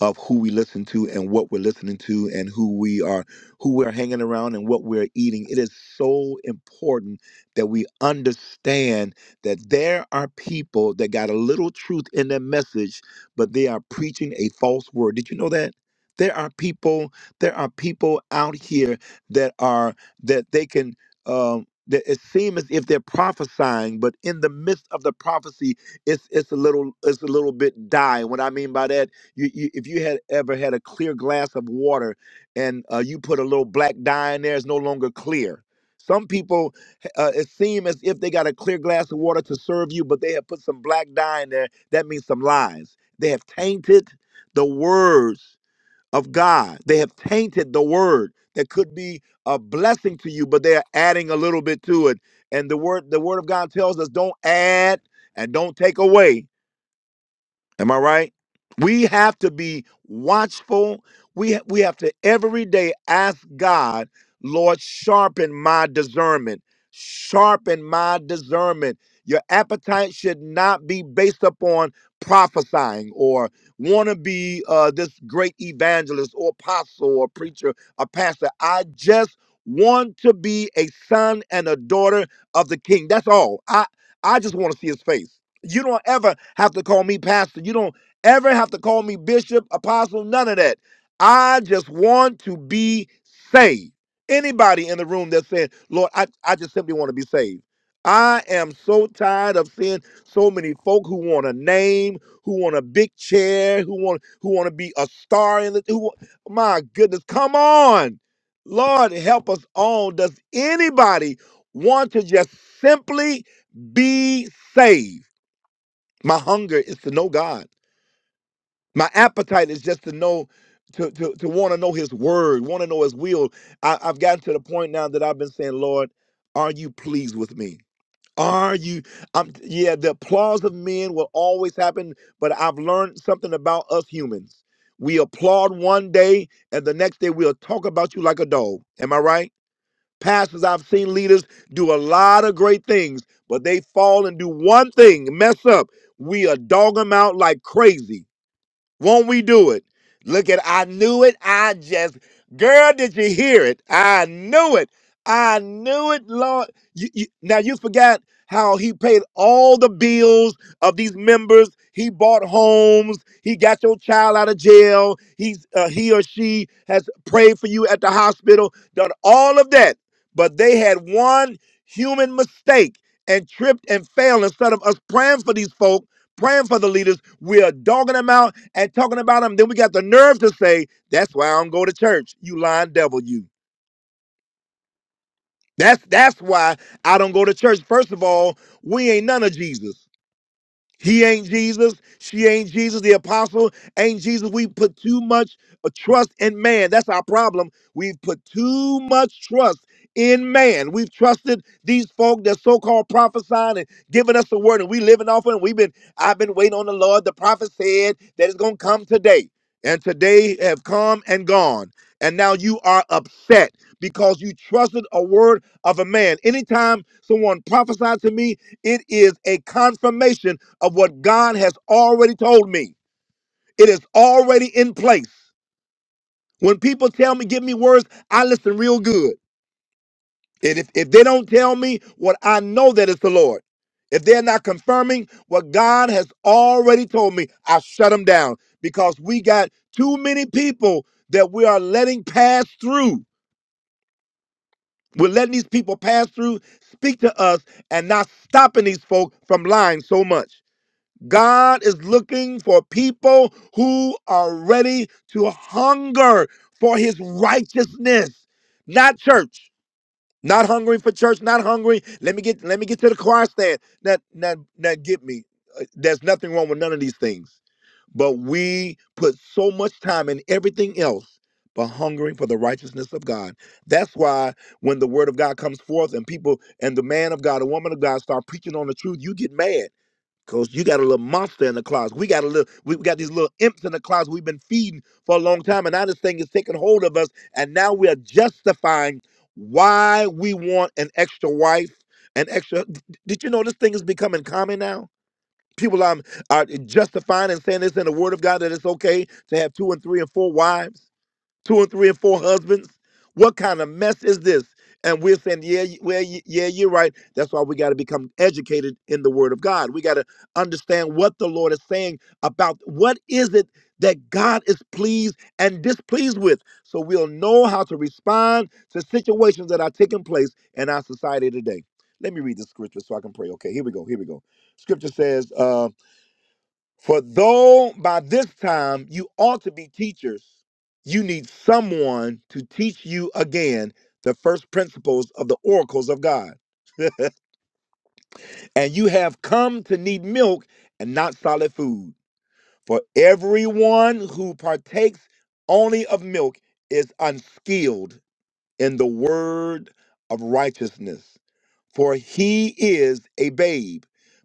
of who we listen to and what we're listening to and who we are who we're hanging around and what we're eating it is so important that we understand that there are people that got a little truth in their message but they are preaching a false word did you know that there are people there are people out here that are that they can um that it seems as if they're prophesying, but in the midst of the prophecy, it's it's a little it's a little bit die. What I mean by that you, you, if you had ever had a clear glass of water and uh, you put a little black dye in there, it's no longer clear. Some people, uh, it seems as if they got a clear glass of water to serve you, but they have put some black dye in there. That means some lies. They have tainted the words of God. They have tainted the word that could be a blessing to you, but they are adding a little bit to it. And the word, the word of God tells us, don't add and don't take away. Am I right? We have to be watchful. We we have to every day ask God, Lord, sharpen my discernment. Sharpen my discernment. Your appetite should not be based upon prophesying or want to be uh, this great evangelist or apostle or preacher or pastor. I just want to be a son and a daughter of the King. That's all. I I just want to see His face. You don't ever have to call me pastor. You don't ever have to call me bishop, apostle, none of that. I just want to be saved. Anybody in the room that said, Lord, I, I just simply want to be saved. I am so tired of seeing so many folk who want a name, who want a big chair, who want who want to be a star in the who wa- my goodness, come on. Lord, help us all. Does anybody want to just simply be saved? My hunger is to know God. My appetite is just to know, to to to want to know His word, want to know His will. I, I've gotten to the point now that I've been saying, Lord, are you pleased with me? Are you? I'm, yeah, the applause of men will always happen, but I've learned something about us humans. We applaud one day, and the next day we'll talk about you like a dog. Am I right? Pastors, I've seen leaders do a lot of great things, but they fall and do one thing, mess up. We are dog them out like crazy. Won't we do it? Look at I knew it. I just girl, did you hear it? I knew it. I knew it, Lord. You, you, now you forgot how he paid all the bills of these members. He bought homes. He got your child out of jail. He's uh, he or she has prayed for you at the hospital. Done all of that, but they had one human mistake and tripped and failed. Instead of us praying for these folk, praying for the leaders, we are dogging them out and talking about them. Then we got the nerve to say, that's why I don't go to church. You lying devil, you. That's that's why I don't go to church. First of all, we ain't none of Jesus. He ain't Jesus. She ain't Jesus. The apostle ain't Jesus. We put too much uh, trust in man. That's our problem. We've put too much trust in man. We've trusted these folk that so-called prophesying and giving us the word, and we living off it. And we've been, I've been waiting on the Lord. The prophet said that it's gonna come today, and today have come and gone. And now you are upset because you trusted a word of a man. Anytime someone prophesied to me, it is a confirmation of what God has already told me. It is already in place. When people tell me, give me words, I listen real good. And if, if they don't tell me what I know that it's the Lord, if they're not confirming what God has already told me, I shut them down because we got too many people that we are letting pass through. We're letting these people pass through, speak to us, and not stopping these folk from lying so much. God is looking for people who are ready to hunger for his righteousness, not church. Not hungry for church, not hungry. Let me get let me get to the choir stand. That that that get me. Uh, There's nothing wrong with none of these things. But we put so much time in everything else but hungering for the righteousness of God. That's why when the word of God comes forth and people and the man of God, a woman of God start preaching on the truth, you get mad Coach, you got a little monster in the closet. We got a little, we got these little imps in the closet we've been feeding for a long time, and now this thing is taking hold of us, and now we are justifying why we want an extra wife, an extra. d- Did you know this thing is becoming common now? People are, are justifying and saying this in the Word of God that it's okay to have two and three and four wives two and three and four husbands. What kind of mess is this? And we're saying, yeah, y- well, y- yeah, you're right. That's why we got to become educated in the Word of God. We got to understand what the Lord is saying about what is it that God is pleased and displeased with, so we'll know how to respond to situations that are taking place in our society today. Let me read the scripture so I can pray. Okay, here we go. Here we go. Scripture says. uh, for though by this time you ought to be teachers, you need someone to teach you again the first principles of the oracles of God. And you have come to need milk and not solid food. For everyone who partakes only of milk is unskilled in the word of righteousness for he is a babe.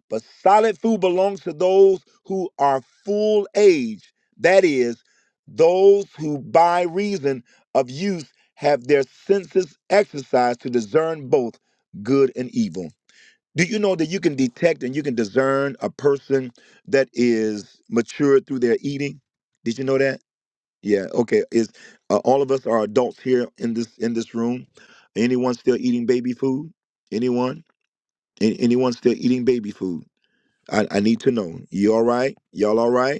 But solid food belongs to those who are full age, that is, those who by reason of use have their senses exercised to discern both good and evil. Do you know that you can detect and you can discern a person that is mature through their eating? Did you know that? Yeah, okay. Is uh, all of us are adults here in this in this room? Anyone still eating baby food? Anyone? A- anyone still eating baby food? I, I need to know. You all right? Y'all all right?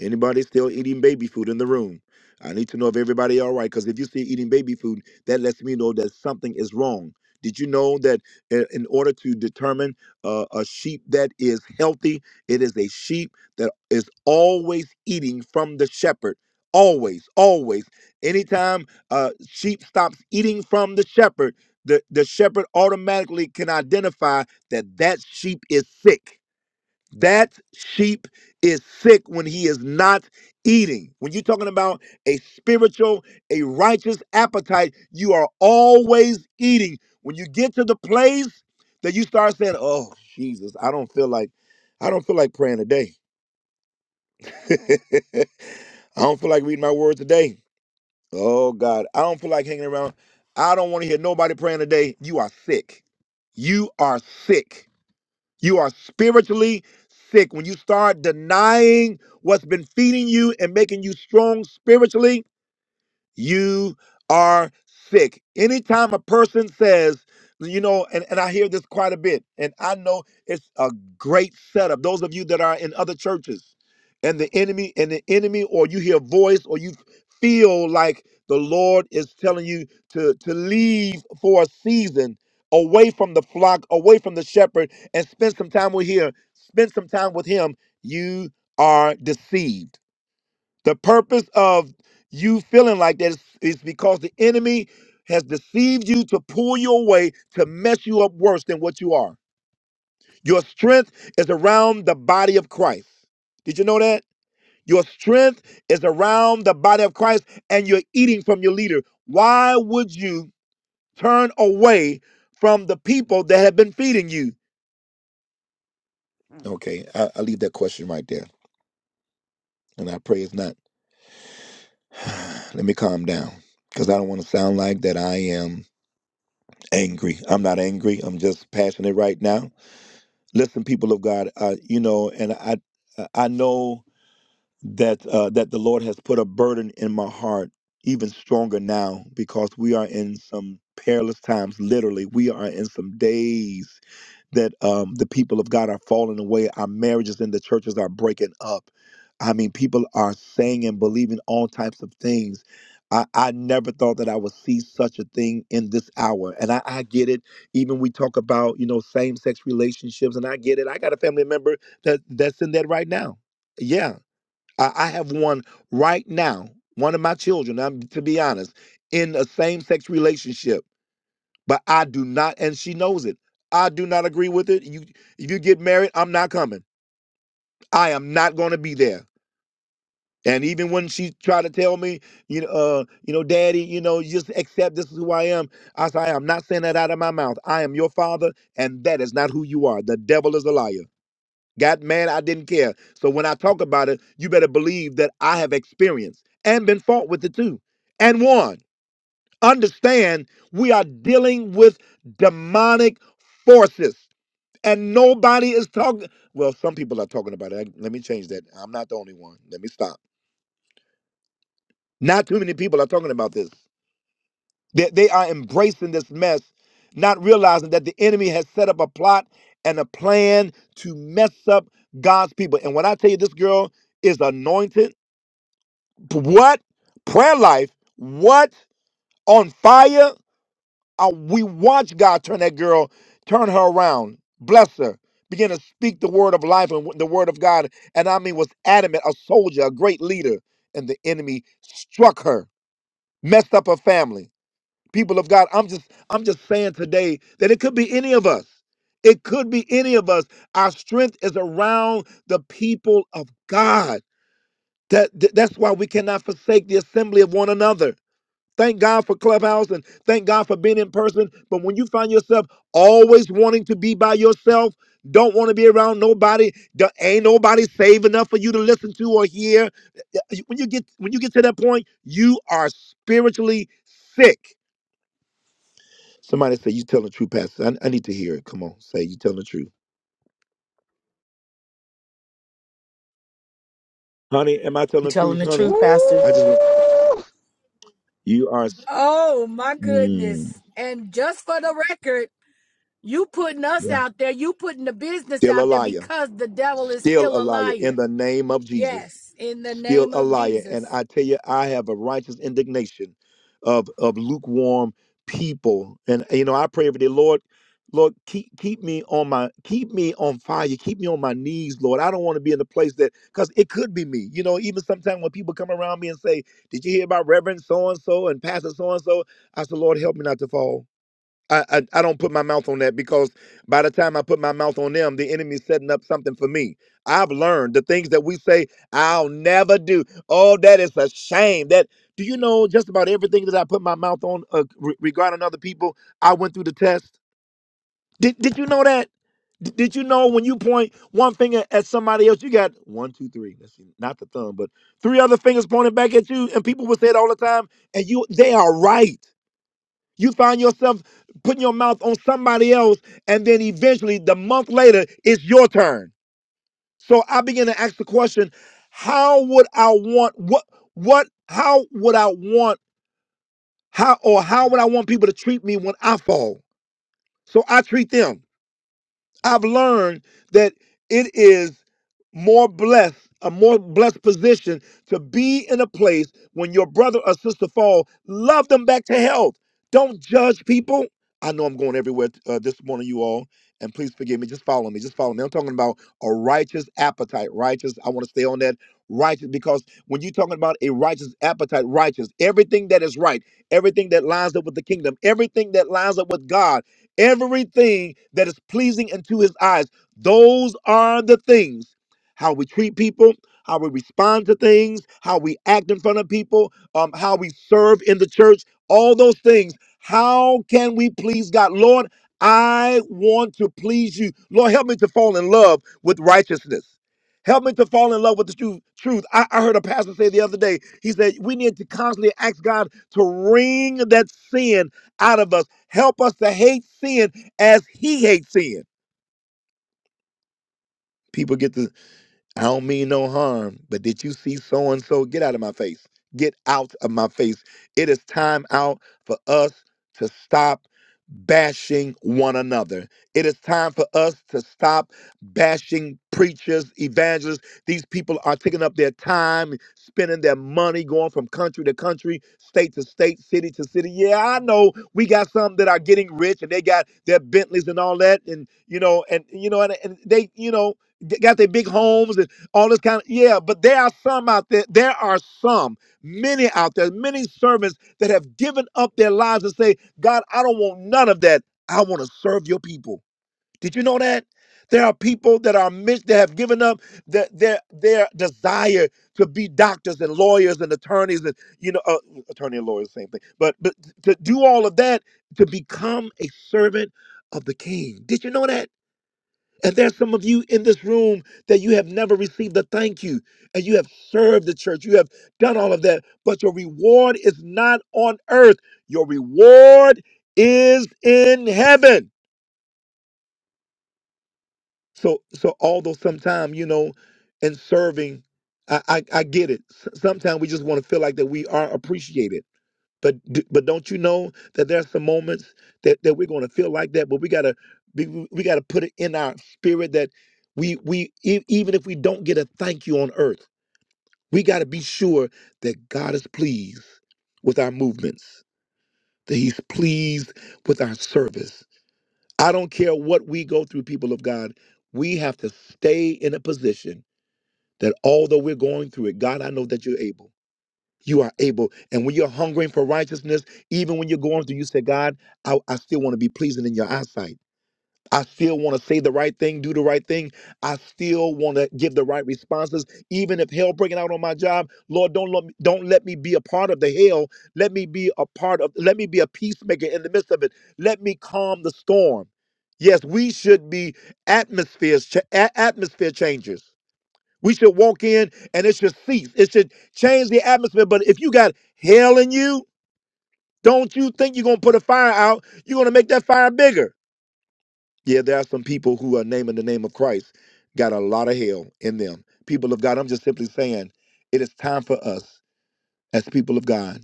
Anybody still eating baby food in the room? I need to know if everybody all right. Because if you still eating baby food, that lets me know that something is wrong. Did you know that i- in order to determine uh, a sheep that is healthy, it is a sheep that is always eating from the shepherd. Always, always. Anytime uh, sheep stops eating from the shepherd, the, the shepherd automatically can identify that that sheep is sick that sheep is sick when he is not eating. When you're talking about a spiritual, a righteous appetite, you are always eating. When you get to the place that you start saying, "Oh, Jesus, I don't feel like I don't feel like praying today. I don't feel like reading my word today. Oh God, I don't feel like hanging around. I don't want to hear nobody praying today." You are sick. You are sick you are spiritually sick. When you start denying what's been feeding you and making you strong spiritually, you are sick. Anytime a person says, you know, and, and I hear this quite a bit, and I know it's a great setup. Those of you that are in other churches and the enemy, and the enemy, or you hear a voice, or you feel like the Lord is telling you to, to leave for a season away from the flock, away from the shepherd, and spend some time with here, spend some time with him. You are deceived the purpose of you feeling like that is, is because the enemy has deceived you to pull you away to mess you up worse than what you are. Your strength is around the body of Christ. Did you know that? Your strength is around the body of Christ and you're eating from your leader. Why would you turn away from the people that have been feeding you? Okay, I, I leave that question right there. And I pray it's not. Let me calm down because I don't want to sound like that I am. angry. I'm not angry. I'm just passionate right now. Listen, people of God, uh, you know, and I, I know that uh, that the Lord has put a burden in my heart, even stronger now, because we are in some perilous times. Literally, we are in some days that um, the people of God are falling away. Our marriages in the churches are breaking up. I mean, people are saying and believing all types of things. I, I never thought that I would see such a thing in this hour. And I, I get it. Even we talk about, you know, same sex relationships, and I get it. I got a family member that, that's in that right now. Yeah. I, I have one right now, one of my children, I'm to be honest, in a same sex relationship but I do not, and she knows it. I do not agree with it. You, if you get married, I'm not coming. I am not going to be there. And even when she tried to tell me, you know, uh, you know, Daddy, you know, you just accept this is who I am. I said, I am not saying that out of my mouth. I am your father, and that is not who you are. The devil is a liar. God, man, I didn't care. So when I talk about it, you better believe that I have experienced and been fought with it too, and won understand we are dealing with demonic forces and nobody is talking well some people are talking about it Like, let me change that i'm not the only one let me stop not too many people are talking about this they, they are embracing this mess not realizing that the enemy has set up a plot and a plan to mess up god's people and when i tell you this girl is anointed p- what prayer life what on fire I, we watch God turn that girl, turn her around, bless her, begin to speak the word of life and the word of God. And I mean, was adamant, a soldier, a great leader. And the enemy struck her, messed up her family. People of God, I'm just, I'm just saying today that it could be any of us. It could be any of us. Our strength is around the people of God. That, that- that's why we cannot forsake the assembly of one another. Thank God for Clubhouse and thank God for being in person. But when you find yourself always wanting to be by yourself, don't want to be around nobody, there ain't nobody safe enough for you to listen to or hear. When you get when you get to that point, you are spiritually sick. Somebody say you telling the truth, Pastor. I, I need to hear it. Come on, say you telling the truth, honey. Am I telling
You
the
telling
truth,
the
honey?
truth, Pastor.
I just want
Ooh.
you are
Oh my
mm,
goodness. And just for the record, you putting us
yeah.
out there, you putting the business
still a
out there
liar,
because the devil is
still
still
a
a
liar. In
liar.
the name of Jesus.
Yes, in the
still
name
a
of
liar. And
Jesus.
I tell you, I have a righteous indignation of of lukewarm people. And you know, I pray every day, Lord, Lord, keep keep me on my keep me on fire. Keep me on my knees, Lord. I don't want to be in the place that because it could be me. You know, even sometimes when people come around me and say, Did you hear about Reverend so and so and Pastor so and so? I said, Lord, help me not to fall. I, I I don't put my mouth on that because by the time I put my mouth on them, the enemy's setting up something for me. I've learned the things that we say I'll never do. Oh, that is a shame. That do you know just about everything that I put my mouth on uh, re- regarding other people? I went through the test. Did Did you know that? D- did you know when you point one finger at somebody else, you got one, two, three. Let's see, not the thumb, but three other fingers pointing back at you, and people would say it all the time, and you they are right. You find yourself putting your mouth on somebody else, and then eventually, the month later, it's your turn. So I begin to ask the question: How would I want what? What? How would I want how or how would I want people to treat me when I fall? So I treat them. I've learned that it is more blessed, a more blessed position to be in a place when your brother or sister fall. Love them back to health. Don't judge people. I know I'm going everywhere uh, this morning, you all, and please forgive me. Just follow me. Just follow me. I'm talking about a righteous appetite. Righteous. I want to stay on that. Righteous, because when you're talking about a righteous appetite, righteous, everything that is right, everything that lines up with the kingdom, everything that lines up with God everything that is pleasing unto his eyes. Those are the things how we treat people, how we respond to things, how we act in front of people, um, how we serve in the church, all those things. How can we please God? Lord, I want to please you. Lord, help me to fall in love with righteousness. Help me to fall in love with the tru- truth. I, I heard a pastor say the other day, he said, we need to constantly ask God to wring that sin out of us Help us to hate sin as he hates sin. People get the I don't mean no harm, but did you see so and so? Get out of my face. Get out of my face. It is time out for us to stop bashing one another. It is time for us to stop bashing preachers, evangelists. These people are taking up their time, spending their money, going from country to country, state to state, city to city. Yeah, I know we got some that are getting rich and they got their Bentleys and all that. And, you know, and, you know, and, and they, you know, g- got their big homes all this kind of yeah but there are some out there there are some many out there many servants that have given up their lives and say god i don't want none of that i want to serve your people did you know that there are people that are mis- that have given up their, their their desire to be doctors and lawyers and attorneys and you know uh, attorney and lawyers same thing but but to do all of that to become a servant of the king did you know that and there's some of you in this room that you have never received a thank you, and you have served the church, you have done all of that, but your reward is not on earth. Your reward is in heaven. So, so although sometimes you know, in serving, I I, I get it. Sometimes we just want to feel like that we are appreciated But d- but don't you know that there's some moments that, that we're going to feel like that, but we gotta be, we gotta put it in our spirit that we we e- even if we don't get a thank you on earth, we gotta be sure that God is pleased with our movements, that He's pleased with our service. I don't care what we go through, people of God. We have to stay in a position that although we're going through it, God, I know that you're able you are able. And when you're hungering for righteousness, even when you're going through, you say, God, I, I still want to be pleasing in your eyesight. I still want to say the right thing, do the right thing. I still want to give the right responses, even if hell breaking out on my job. Lord, don't let me, don't let me be a part of the hell. Let me be a part of. Let me be a peacemaker in the midst of it. Let me calm the storm. Yes, we should be atmospheres, cha- a- atmosphere changers. We should walk in and it should cease. It should change the atmosphere. But if you got hell in you, don't you think you're gonna put a fire out? You're gonna make that fire bigger. Yeah, there are some people who are naming the name of Christ, got a lot of hell in them. People of God, I'm just simply saying it is time for us as people of God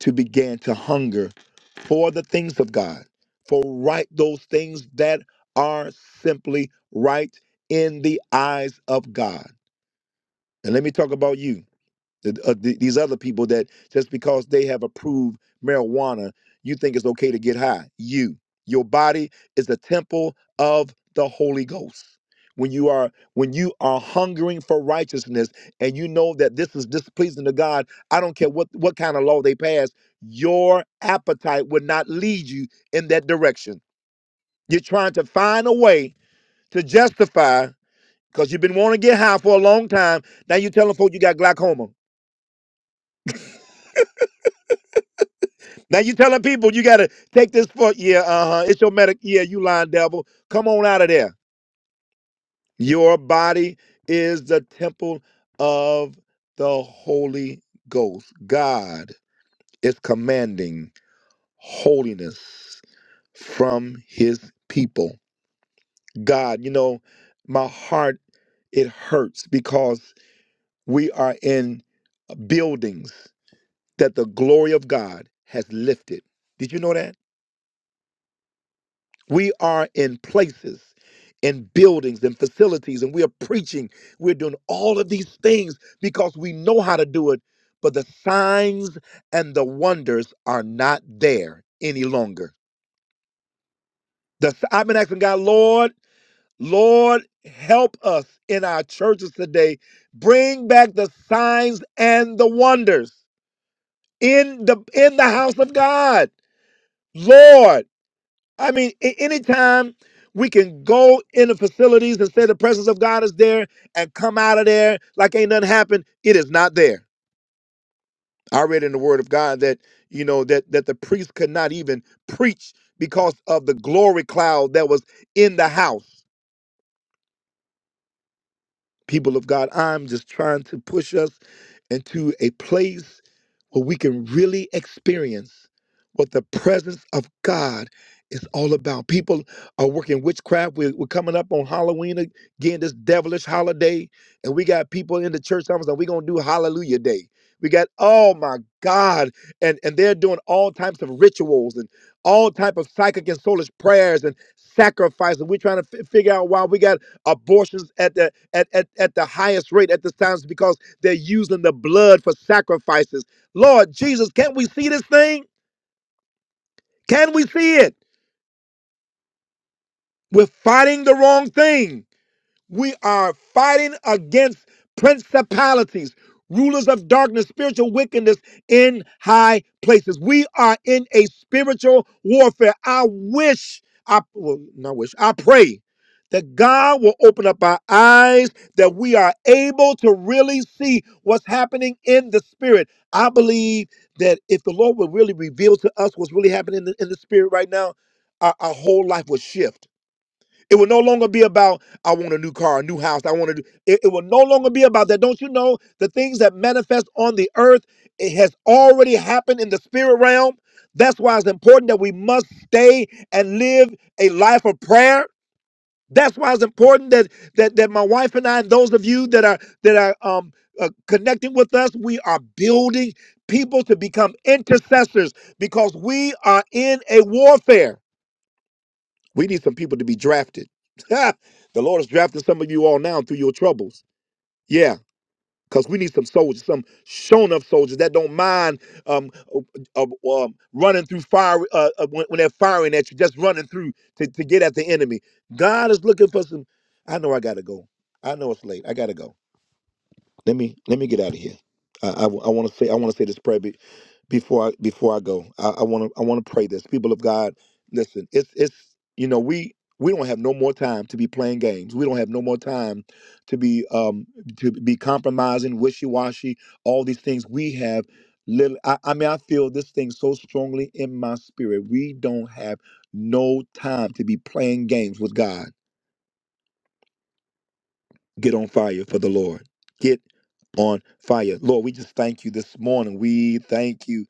to begin to hunger for the things of God, for right those things that are simply right in the eyes of God. And let me talk about you. th- uh, th- these other people that just because they have approved marijuana, you think it's okay to get high. You, your body is the temple of the Holy Ghost. When you are when you are hungering for righteousness and you know that this is displeasing to God, I don't care what what kind of law they pass, your appetite would not lead you in that direction. You're trying to find a way to justify because you've been wanting to get high for a long time. Now you're telling folks you got glaucoma. Now you telling people you gotta take this for yeah, uh-huh. It's your medic. Yeah, you lying devil. Come on out of there. Your body is the temple of the Holy Ghost. God is commanding holiness from his people. God, you know, my heart it hurts because we are in buildings that the glory of God has lifted. Did you know that? We are in places, in buildings and facilities, and we are preaching. We're doing all of these things because we know how to do it, but the signs and the wonders are not there any longer. The, s- I've been asking God, Lord, Lord, help us in our churches today. Bring back the signs and the wonders in the in the house of God. Lord. I mean, a- anytime we can go in the facilities and say the presence of God is there and come out of there like ain't nothing happened, it is not there. I read in the Word of God that you know that that the priest could not even preach because of the glory cloud that was in the house. People of God, I'm just trying to push us into a place where we can really experience what the presence of God is all about. People are working witchcraft. We're, we're coming up on Halloween again, this devilish holiday. And we got people in the church almost like we're going to do Hallelujah Day. We got, oh my God. And, and they're doing all types of rituals and all type of psychic and soulish prayers and sacrifices. We're trying to fi- figure out why we got abortions at the at, at, at the highest rate at this time is because they're using the blood for sacrifices. Lord Jesus, can't we see this thing? Can we see it? We're fighting the wrong thing. We are fighting against principalities, rulers of darkness, spiritual wickedness in high places. We are in a spiritual warfare. I wish, I well, not wish, I pray that God will open up our eyes, that we are able to really see what's happening in the spirit. I believe that if the Lord would really reveal to us what's really happening in the, in the spirit right now, our, our whole life would shift it will no longer be about, I want a new car, a new house, I want to do. It, it will no longer be about that. Don't you know the things that manifest on the earth, it has already happened in the spirit realm. That's why it's important that we must stay and live a life of prayer. That's why it's important that that that my wife and I and those of you that are that are um uh, connecting with us, we are building people to become intercessors because we are in a warfare. We need some people to be drafted. the Lord is drafting some of you all now through your troubles. Yeah, because we need some soldiers, some shown up soldiers that don't mind um, uh, uh, um, um, running through fire uh, uh, when, when they're firing at you, just running through to, to get at the enemy. God is looking for some. I know I gotta go. I know it's late. I gotta go. Let me let me get out of here. I, I, want to say I want to say this prayer before I before I go. I want to I want to pray this. People of God, listen. It's it's you know we we don't have no more time to be playing games. We don't have no more time to be um to be compromising, wishy washy, all these things. We have little. I, I mean, I feel this thing so strongly in my spirit. We don't have no time to be playing games with God get on fire for the Lord. Get on fire. Lord, we just thank you this morning. We thank you.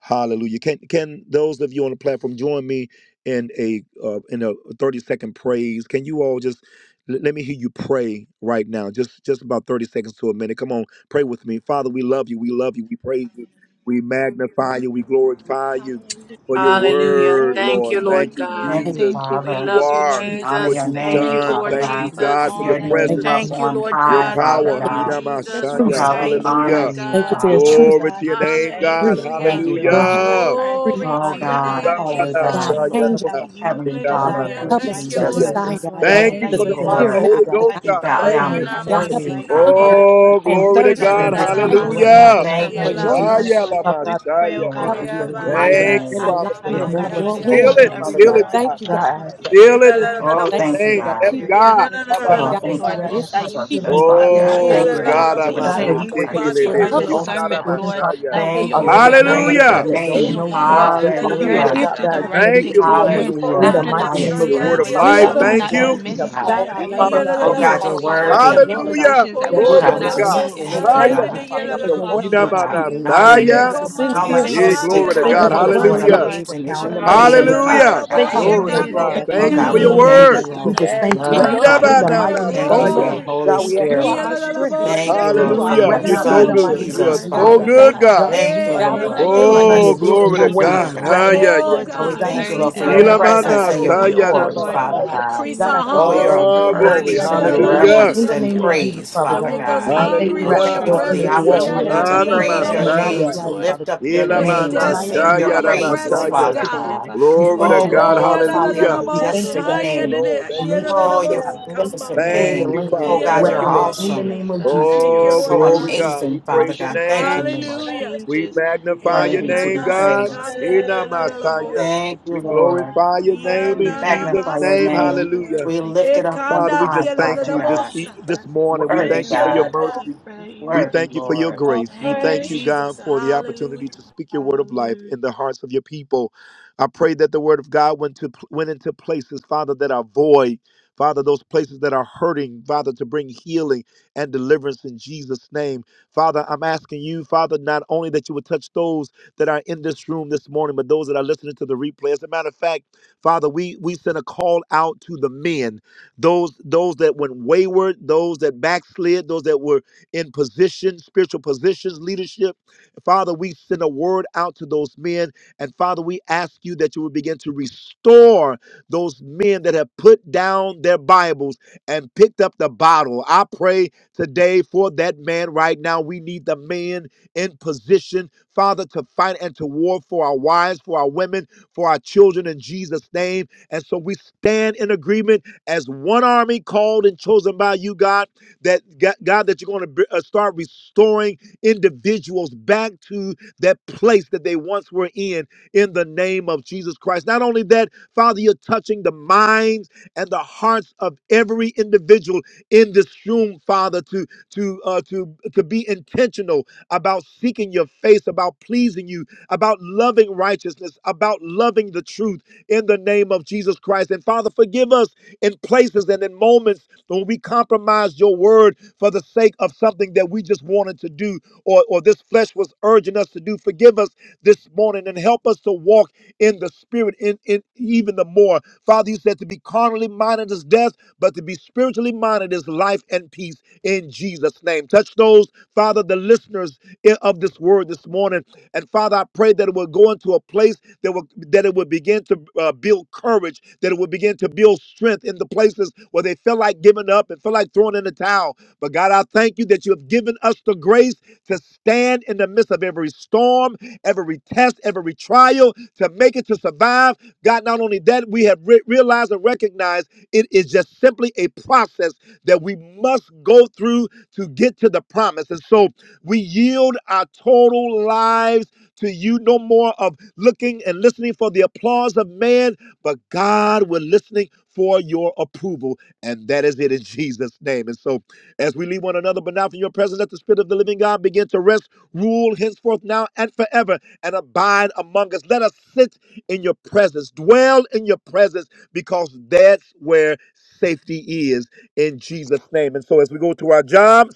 Hallelujah. Can can those of you on the platform join me in a uh, in a 30 second praise? Can you all just l- let me hear you pray right now. Just just about 30 seconds to a minute. Come on, pray with me. Father, we love you. We love you. We praise you. We magnify you. We glorify you
Hallelujah.
for your
Hallelujah.
Lord,
word,
we
Thank
Lord.
you,
thank
Lord
Thank you
you.
God.
We
Thank
Thank
you,
Jesus
thank
for
you
We
who
for
Father.
you
love
this
you,
are,
word.
Honor
what
your
Jesus.
We
you've
Thank
name,
you,
thank you,
done.
Father
Lord
Lord,
Thank you
God.
for
God for
Jesus.
all
your
Your
that
you,
you
thank
name
presence.
have
you
up
for your
Thank you,
on
spoken
Lord
to
Your
high,
God.
us,
We
Father
power,
love
thank
you,
you
Lord.
God.
Just
Jesus.
for your
Oh
We
truth.
Yidamashaya.
God, we
thank you,
reminding
Because
honor
Lord
Hallelujah.
us,
you,
you have
Thank you
Lord,
for
God.
that
your
you are
Father.
a
truth.
Glory
God
to your
who
That's
you
name,
have
speaks,
God.
free.
that
been
Thank
Hallelujah.
our
you,
refuge,
you,
Lord, help
our
God.
Lord,
Hallelujah.
are
us free.
And
Glory
i
Oh
to
um,
your
not
thank
a
you right now, God, for the
God,
God
name,
of
holy
God,
God,
deception,
time
Jesus.
of
Yidamanashaya
Lord,
change us.
trouble,
that
Father
you
God,
heavenly
I
Father,
thank you
Hallelujah.
desire
Lord
a
right
Help us
Thank you,
to
righteous
now
Jesus,
for
Lord
we
namasikitanamanamusaya.
strengthening
desire
vessel,
just
God.
God
Lord,
and God,
Thank
Thank
thank
you,
you
that
the
you,
for the
you
strengthening
fire of
want
our
sincere
the
Lord.
our
milk
people,
Holy
Jesus.
of
So,
the
God.
Ghost,
God.
appetites,
We
oh
God.
God,
bow
Thank
Strengthen
down
Lord,
the
you.
Ayana
um,
to
before
God,
ones
be
help
that you
you,
right,
us
oh
call,
God.
hunger
Father,
Lord, for
to
Oh,
and
do
glory
hunger,
to
We
thirst
something in
God.
yield
like
to
after
this
to
you,
right
season
hunger
Father
right
Yedadadadabasa.
and
now in
God.
the
Hallelujah.
thirst for
mighty
to
Thank
for
you,
name of
your
Jesus.
name.
righteousness,
Shaya
Jesus,
Yelamasi.
Lord.
Father
We
God,
pray, oh
lamashaya.
we
God,
love
Help us
you.
Lord,
Lord, for
We
for
a
your
Oyaba
adore you
mighty
greater
right
Thank you,
in
name,
yelasi.
Father, for
for
There
appetite,
the
is
your
oh
alignment
none
with
God,
of
word.
us
Lord,
precious
your
but
in
Amakandia
all
name,
Seal
of
each
of
will.
and
you,
it.
Holy
every
Father
Seal
God.
it,
Spirit,
one
Father
God.
dadadabushaya.
Thank
of
you, God.
God,
us,
God.
I
Lord.
ask right
Seal
We
it
now,
in
thank
continue to
you,
Oh,
Jesus'
Thank
strengthen
thank
Father,
you,
you for
us
name.
Yelalalabosa.
your
Lord,
God.
Yes,
for
for
people,
your
this
God.
faithfulness. We
God,
Oh,
thank
I
God.
you,
thank
thank
you
you,
Lord,
Yenananalabosa.
That
right
Alamashaya.
Lord,
now
if
for
my
that
that
you
consulting
healing
us,
people
keep
is our
Father
us,
God.
Lord,
portion,
who
that
are
Thank
you
Oh,
you,
are
called
God.
Lord,
able
for
God,
to
I'm
giving
a
us
by
God,
an
even
that
name
we
miss.
break
appetite
every
to
increase
would
serve
our
you,
stronghold
humble
off
Yelalalaboshi.
Father
themselves, and
discernment,
the
God.
children,
Lord,
Father God,
that
pray,
we,
Thank
oh
of
you.
Oh,
these
We
God,
ya la
grown
Lord,
la
Lord,
ups
yonder,
la
Praise
la
will
your
Hallelujah.
that don't
bosa.
Glory
continue,
name.
repent,
oh
know
God,
to
who
Yeah,
Lord,
God.
la
they
to
la la
are,
la
you
la
would
yearn
Father
Hallelujah.
Hallelujah.
hear.
God.
after
bosa.
Their
the right
Thank
identity
thing,
is
you,
to
in
You
Lord, for
you.
would
E
yearn
your
Hallelujah.
In
word,
forgive
the
The
after
our
the
comanda
mighty
sins,
name
highest
of
your
truth,
saya
word
Jesus,
of
praise,
Lord,
via la
Father
la
heal
that
life.
Father
God,
la
the
we
that
will
God.
the
land.
Thank
not
bosa.
one
be
Thank
you.
that you
you,
have
God.
misled,
God,
called,
yes,
our
that we will
land
Father
Yeah,
not
la
needs
God,
la
that
Oh,
Inamasha.
find
la
we
healing.
God,
call
you're
them
ourselves, oh
out
Lord,
right
bosianda.
So,
now,
worthy.
in
Lord,
Father
we
God
just
Hallelujah.
positions
Oh,
that
thank
we
ya
you
that
Oh,
they
la
Glory
should
will
la
God,
God,
we
to
la
not
not
la
just
no
God.
be
longer
in,
walk
and
bosa.
thank
Lord.
you,
in
Yeah,
thank
la
Hallelujah.
you
We
darkness,
la
God.
yeah,
Father
la
God,
thank
but
la
for
you,
they'll
la
your
walk
word.
Father,
in
Oh
your
bosa.
Lord, for
God,
truth.
we
you
So
are
honor
Lord,
thank
E
give
you
you.
Inamanasaya.
us
faithful.
a
right now for
How
We
your,
sincere
comanda
heart.
thank
Yeah,
your
you,
sandia
majestic,
Father,
glory
truth.
la
to
how
la
Thank
Lord,
you
la
God.
Let
that
the
for
you
wonderful
um,
bosa.
and
words
are
the
of our
Hallelujah.
deliverance
good.
right
amazing is
now in
your
the
and the
mighty
Yeah,
name
name,
Hallelujah.
of
la la
Jesus.
la
meditation
la
Father
Hallelujah.
of
Thank you
our
God.
for
heart
bosa.
no
Glory
I,
to
more
God.
be
Candia,
drawback in
Oh
the
yeah,
Thank you
la
God,
mighty
for
la
pleasing
we
your
la
name
and
of
thank
Jesus.
bosa.
you,
word.
We
Lord,
acceptable
for the
just thank you
in
right
blood,
your
now
Father
in the
God.
Hallelujah,
mighty
I,
name of
Thank
oh
you for
I
Jesus.
your
Lord.
Inamanasaya.
glory.
Holy
God,
forgot.
we
Thank
ask
you,
You
right
are
Spirit.
Yeah,
now
our
la
that
la
Lord,
Jesus,
thank
you
la
just
strength.
Lord,
bless
There
you.
for
is
Thank
your
your
bosa.
you,
no
name
You
one,
Lord,
are
for
faithfulness.
our
Hallelujah.
right
your
Comandia
You're
la
now
la
in
so
la
Son,
Thank
the
redeemer.
you,
mighty
good.
name
bosa.
You
You
are
of
Jesus,
are
Lord,
Jesus,
that
God,
so
we
Father
God.
you
good,
have
thank
God.
you.
God,
God.
as
kept,
Thank
we
you,
the
ask
Hey,
Lord,
la
God,
la
Lord.
no
right
we
Lord,
now that
that
one
for the
la
you
praise
you're
la
are
you.
doing your
Oh,
blessed
able
bosa.
to
will
to
and
glory to
God,
your
Trinity,
keep
touch
way
me
Lord,
Father
us,
God.
oh
Holy
God.
right
Ah,
God,
now,
yeah,
Spirit,
God.
Oh
yeah,
Lord,
like
thank
you
Lord,
till
yeah.
we
you.
and
the
God,
God, I
thank you,
so
Jesus.
very
thank
Lord,
increase
you
for
our
right
your
end,
now for
Lord,
the
that
presence
appetite,
Ilamana
and
lives
oh
your
that you've
we, oh
God.
saya
God,
chosen,
glory,
Thank
so,
you,
Lord,
Father
will
Jesus.
Father
God.
namasaya.
God.
Increase
God,
continue, oh
I
our
God,
thank
Thank
you
Oh,
for
Lord,
hunger
you.
for
to
great
you're
Oh,
you,
testimonies
Lord.
worthy
glory.
remain
to
coming
be
out
in
of
the
this
Hallelujah.
in
reverenced
the
eternity.
truth,
and
name
Yadadadadabosaya.
of
Lord,
Jesus,
praised,
Father
that we
Father
will
Make
God.
us
God.
I
remain
thank
in
you
hungry
the
Oh,
right
for
now.
your
thank
Hallelujah.
you
They'll
for
truth,
come
the
in to
presence.
that
walk
Hallelujah.
we
in the
will
opportunity to
Ah,
remain
truth
in
praise
the
There
your
and the
is
truth,
Yadadadadabosha.
name,
marvelous
namasaya.
to
light,
Lord.
Father
lift
God.
up
We
your
Make
And
us
thank you,
they'll
name,
draw
to
Ilamana
Father
nigher
none
to
sing
desperate
Lord.
you,
your
for
shaya
Father
your
God. You
praises,
draw
Hallelujah.
presence,
nigher
namasaya.
Father
to them.
God.
God.
We
Glory
thank
to
Oh,
you
we
right
God.
Oh,
now for the life.
glorify your
Hallelujah.
We thank you
majestic
right
yadadadadabosha,
Thank
now
you,
for
Thank
name.
you,
Lord.
I
yadada-
this
Thank you,
nation,
Jesus.
Oh,
Father
your
God.
Jesus.
stand
We thank you
yadadadabosikama,
for
magnificent
healing
Thank
the
name.
you,
land
Oh,
Father.
Thank you,
in
God,
right
Thank
Lord,
you're
you,
for
Lord.
your
now
awe,
in the
awesome.
yadadadadaboshanda.
truth
name of
that
Jesus.
actually
thank
You're
you,
Oh,
so
Lord
Amen.
glory,
God.
refreshes,
God. We
amazing,
your
Father
praise your
God.
truth
Thank
that
you,
name.
actually
Lord.
stand,
Hallelujah.
We
changes, that
magnify
Hey,
your
Worthy to
changes
name,
be
nana
I
us,
God.
Lord.
praised.
Thank
sekande
you,
Ina
stand
Father, Lord.
Messiah.
yadadadadabosa.
Thank you,
We
Lord.
Amen.
glorify your name
We
in
Hallelujah.
Yanana
Jesus'
magnify your
name.
Yes,
masaya.
name.
Lord.
Hallelujah.
We
Thank
lift it
you,
up
Lord.
on
Father, we
Ekanda
high,
dia
just
la
You
da
thank
Father
da
you
are a
this
God.
e-
bosa.
this
keeper.
morning. We
That
Worthy
thank
Thank
you
you
you,
for
to
your
are
Lord
God,
a
hope
God.
mercy.
keeper. That you
We
are
worthy
thank
a
you for your
Lord.
keeper.
or
grace. We
Thank you,
Thank
pray.
you,
thank you,
Jesus.
God, for the
Jesus.
Hallelujah.
opportunity to speak your word of life
Hallelujah.
in the hearts of your people. I pray that the word of God went to went into places, Father, that are void. Father, those places that are hurting, Father, to bring healing and deliverance in Jesus' name. Father, I'm asking you, Father, not only that you would touch those that are in this room this morning, but those that are listening to the replay. As a matter of fact, Father, we we sent a call out to the men those those that went wayward, those that backslid, those that were in position, spiritual positions, leadership. Father, we send a word out to those men. And Father, we ask you that you would begin to restore those men that have put down their Bibles and picked up the bottle. I pray today for that man right now. We need the man in position, Father, to fight and to war for our wives, for our women, for our children in Jesus' name. And so we stand in agreement as one army called and chosen by you, God, that God, God, that you're going to b- uh, start restoring individuals back to that place that they once were in, in the name of Jesus Christ. Not only that, Father, you're touching the minds and the hearts of every individual in this room, Father, to to uh, to to be intentional about seeking your face, about pleasing you, about loving righteousness, about loving the truth in the name of Jesus Christ. And Father, forgive us in places and in moments when we compromise your word for the sake of something that we just wanted to do or, or this flesh was urging us to do. Forgive us this morning and help us to walk in the spirit in, in even the more. Father, you said to be carnally minded is death, but to be spiritually minded is life and peace in Jesus' name. Touch those, Father, the listeners i- of this word this morning. And Father, I pray that it will go into a place that will that it will begin to uh, build courage, that it will begin to build strength in the places where they feel like giving up and feel like throwing in the towel. But God, I thank you that you have given us the grace to stand in the midst of every storm every test, every trial to make it to survive. God, not only that, we have re- realized and recognized it is just simply a process that we must go through to get to the promise. And so we yield our total lives to you, no more of looking and listening for the applause of man, but God, we're listening for your approval. And that is it in Jesus' name. And so as we leave one another, but now from your presence, let the Spirit of the living God begin to rest, rule henceforth now and forever, and abide among us. Let us sit in your presence, dwell in your presence, because that's where safety is in Jesus' name. And so as we go to our jobs,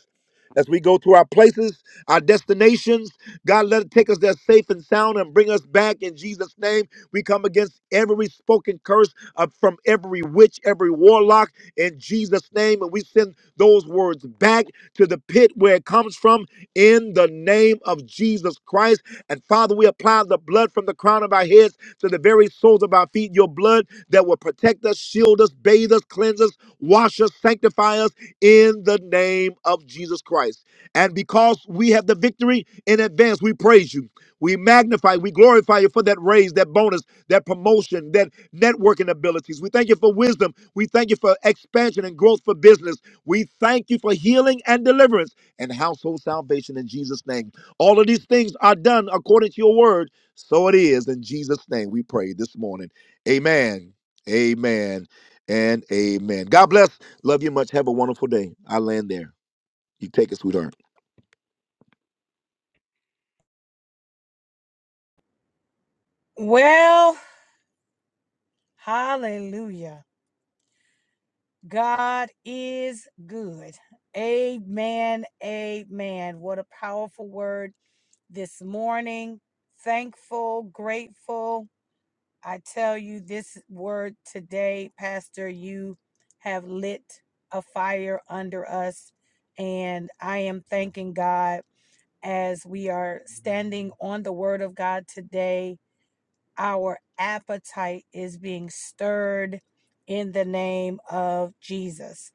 as we go to our places, our destinations, God, let it take us there safe and sound and bring us back in Jesus' name. We come against every spoken curse uh, from every witch, every warlock in Jesus' name. And we send those words back to the pit where it comes from in the name of Jesus Christ. And Father, we apply the blood from the crown of our heads to the very soles of our feet, your blood that will protect us, shield us, bathe us, cleanse us, wash us to sanctify us in the name of Jesus Christ. And because we have the victory in advance, we praise you. We magnify, we glorify you for that raise, that bonus, that promotion, that networking abilities. We thank you for wisdom. We thank you for expansion and growth for business. We thank you for healing and deliverance and household salvation in Jesus' name. All of these things are done according to your word. So it is in Jesus' name we pray this morning. Amen. Amen and amen. God bless Love you much. Have a wonderful day. I land there. You take it, sweetheart.
Well, hallelujah. God is good. Amen. Amen. What a powerful word this morning. Thankful, grateful. I tell you, this word today, Pastor, you have lit a fire under us. And I am thanking God as we are standing on the word of God today. Our appetite is being stirred in the name of Jesus.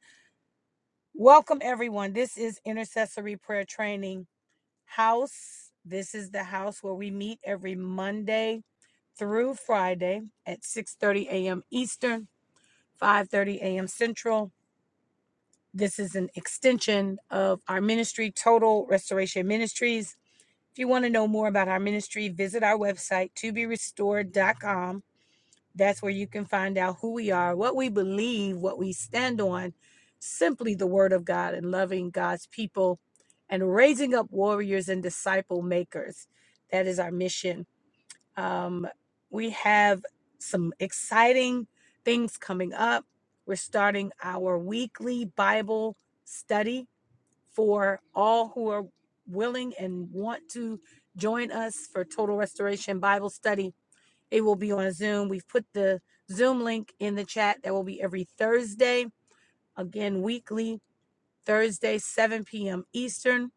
Welcome, everyone. This is Intercessory Prayer Training House. This is the house where we meet every Monday through Friday at 6:30 a.m. Eastern, 5:30 a.m. Central. This is an extension of our ministry, Total Restoration Ministries. If you want to know more about our ministry, visit our website, toberestored.com. That's where you can find out who we are, what we believe, what we stand on, simply the word of God and loving God's people and raising up warriors and disciple makers. That is our mission. Um, we have some exciting things coming up. We're starting our weekly Bible study for all who are willing and want to join us for Total Restoration Bible Study. It will be on Zoom. We've put the Zoom link in the chat. That will be every Thursday, again, weekly, Thursday, 7 p.m. Eastern,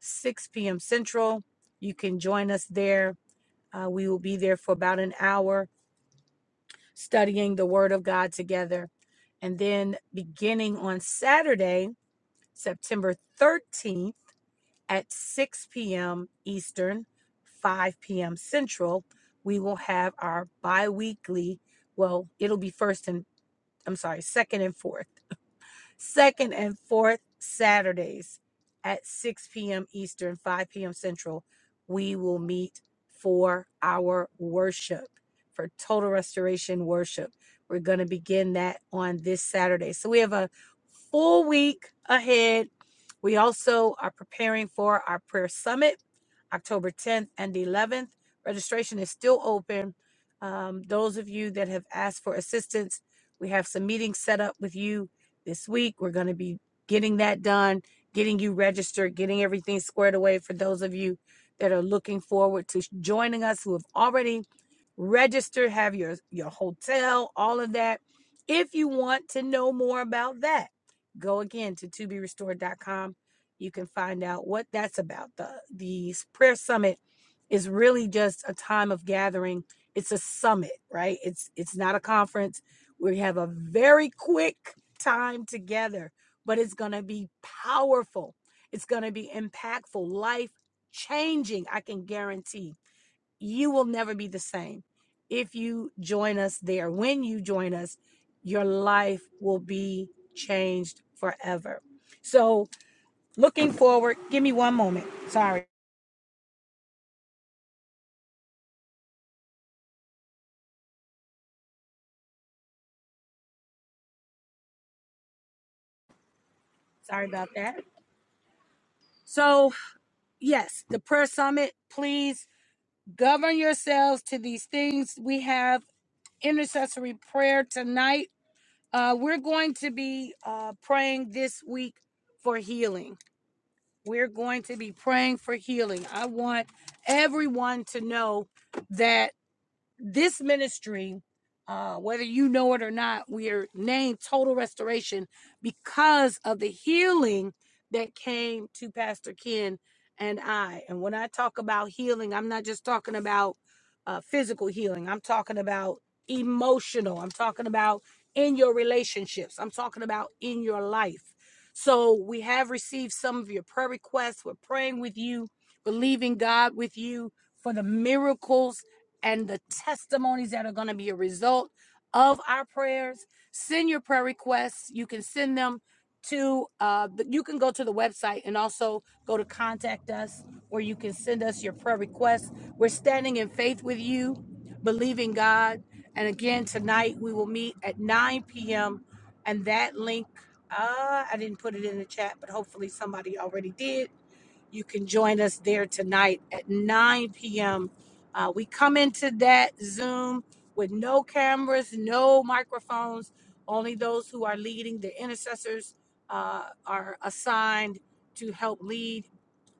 6 p.m. Central. You can join us there. Uh, we will be there for about an hour studying the Word of God together. And then beginning on Saturday, September 13th. at 6 p.m. Eastern, 5 p.m. Central, we will have our bi weekly, well, it'll be first and, I'm sorry, second and fourth second and fourth Saturdays at 6 p.m. Eastern, 5 p.m. Central, we will meet for our worship, for total restoration worship. We're going to begin that on this Saturday. So we have a full week ahead. We also are preparing for our prayer summit, October 10th and 11th. Registration is still open. Um, those of you that have asked for assistance, we have some meetings set up with you this week, we're going to be getting that done, getting you registered, getting everything squared away for those of you that are looking forward to joining us who have already registered, have your, your hotel, all of that. If you want to know more about that, go again to to be restored dot com. You can find out what that's about. The, the prayer summit is really just a time of gathering. It's a summit, right? It's it's not a conference. We have a very quick time together, but it's going to be powerful. It's going to be impactful, life changing. I can guarantee you will never be the same if you join us there. When you join us, your life will be changed forever. So, looking forward, give me one moment. Sorry. Sorry about that. So, yes, the prayer summit, please govern yourselves to these things. We have intercessory prayer tonight Uh, we're going to be uh, praying this week for healing. We're going to be praying for healing. I want everyone to know that this ministry, uh, whether you know it or not, we are named Total Restoration because of the healing that came to Pastor Ken and I. And when I talk about healing, I'm not just talking about uh, physical healing, I'm talking about emotional, I'm talking about in your relationships, I'm talking about in your life. So we have received some of your prayer requests. We're praying with you, believing God with you for the miracles and the testimonies that are going to be a result of our prayers. Send your prayer requests. You can send them to, uh, you can go to the website and also go to contact us where you can send us your prayer requests. We're standing in faith with you, believing God. And again, tonight we will meet at 9 p.m. And that link, uh, I didn't put it in the chat, but hopefully somebody already did. You can join us there tonight at 9 p.m. Uh, we come into that Zoom with no cameras, no microphones. Only those who are leading, the intercessors, uh, are assigned to help lead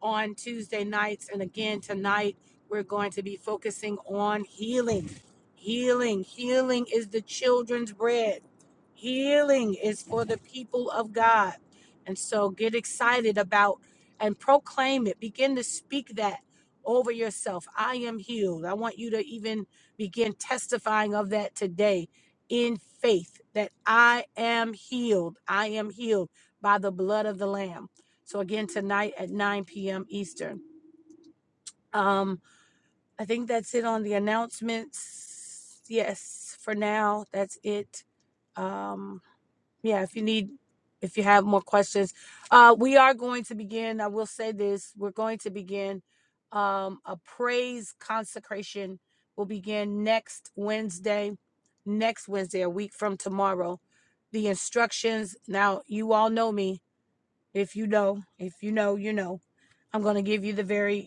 on Tuesday nights. And again, tonight, we're going to be focusing on healing. Healing. Healing is the children's bread, healing is for the people of God. And so get excited about and proclaim it. Begin to speak that over yourself. I am healed. I want you to even begin testifying of that today in faith that I am healed. I am healed by the blood of the Lamb. So, again, tonight at 9 p.m. Eastern. Um, I think that's it on the announcements. Yes, for now, that's it. Um, yeah if you need if you have more questions uh we are going to begin i will say this we're going to begin um a praise consecration will begin next wednesday next wednesday a week from tomorrow the instructions now you all know me if you know if you know you know i'm going to give you the very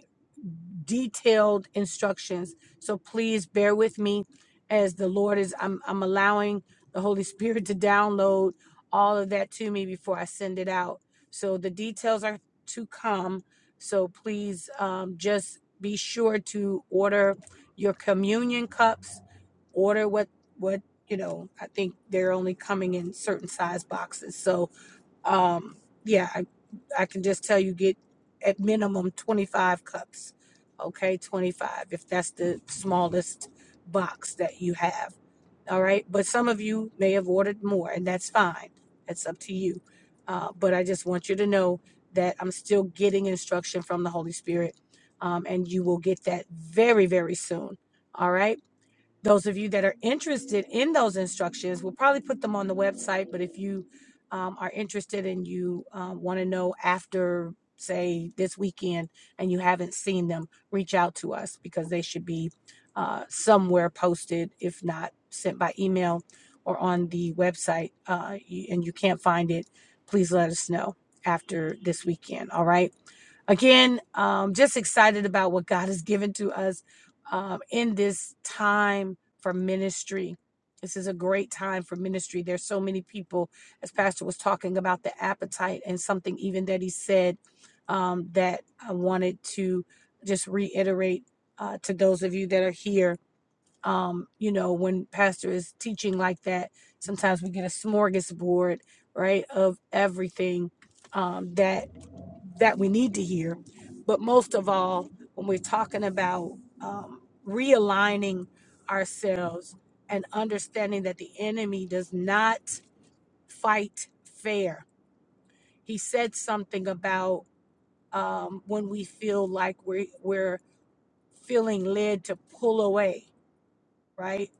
detailed instructions. So please bear with me as the Lord is, I'm, I'm allowing the Holy Spirit to download all of that to me before I send it out. So the details are to come. So please um, just be sure to order your communion cups, order what, what, you know, I think they're only coming in certain size boxes. So um, yeah, I, I can just tell you get at minimum 25 cups. Okay, 25 if that's the smallest box that you have. All right, but some of you may have ordered more, and that's fine. That's up to you. Uh, but I just want you to know that I'm still getting instruction from the Holy Spirit, um, and you will get that very, very soon. All right those of you that are interested in those instructions, we'll probably put them on the website. But if you um, are interested and you um, want to know after, say, this weekend and you haven't seen them, reach out to us because they should be uh, somewhere posted, if not sent by email or on the website. Uh, you, and you can't find it, please let us know after this weekend. All right again um just excited about what god has given to us um in this time for ministry this is a great time for ministry there's so many people as pastor was talking about the appetite and something even that he said um that i wanted to just reiterate uh to those of you that are here um you know when pastor is teaching like that sometimes we get a smorgasbord right of everything um that that we need to hear. But most of all, when we're talking about um, realigning ourselves and understanding that the enemy does not fight fair. He said something about um, when we feel like we're, we're feeling led to pull away, right?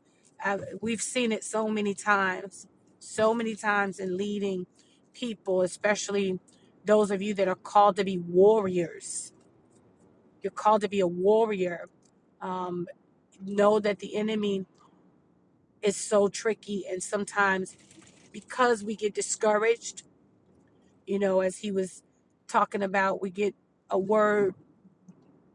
I, we've seen it so many times, so many times in leading people, especially those of you that are called to be warriors You're called to be a warrior. Um, know that the enemy is so tricky, and sometimes because we get discouraged, you know, as he was talking about, we get a word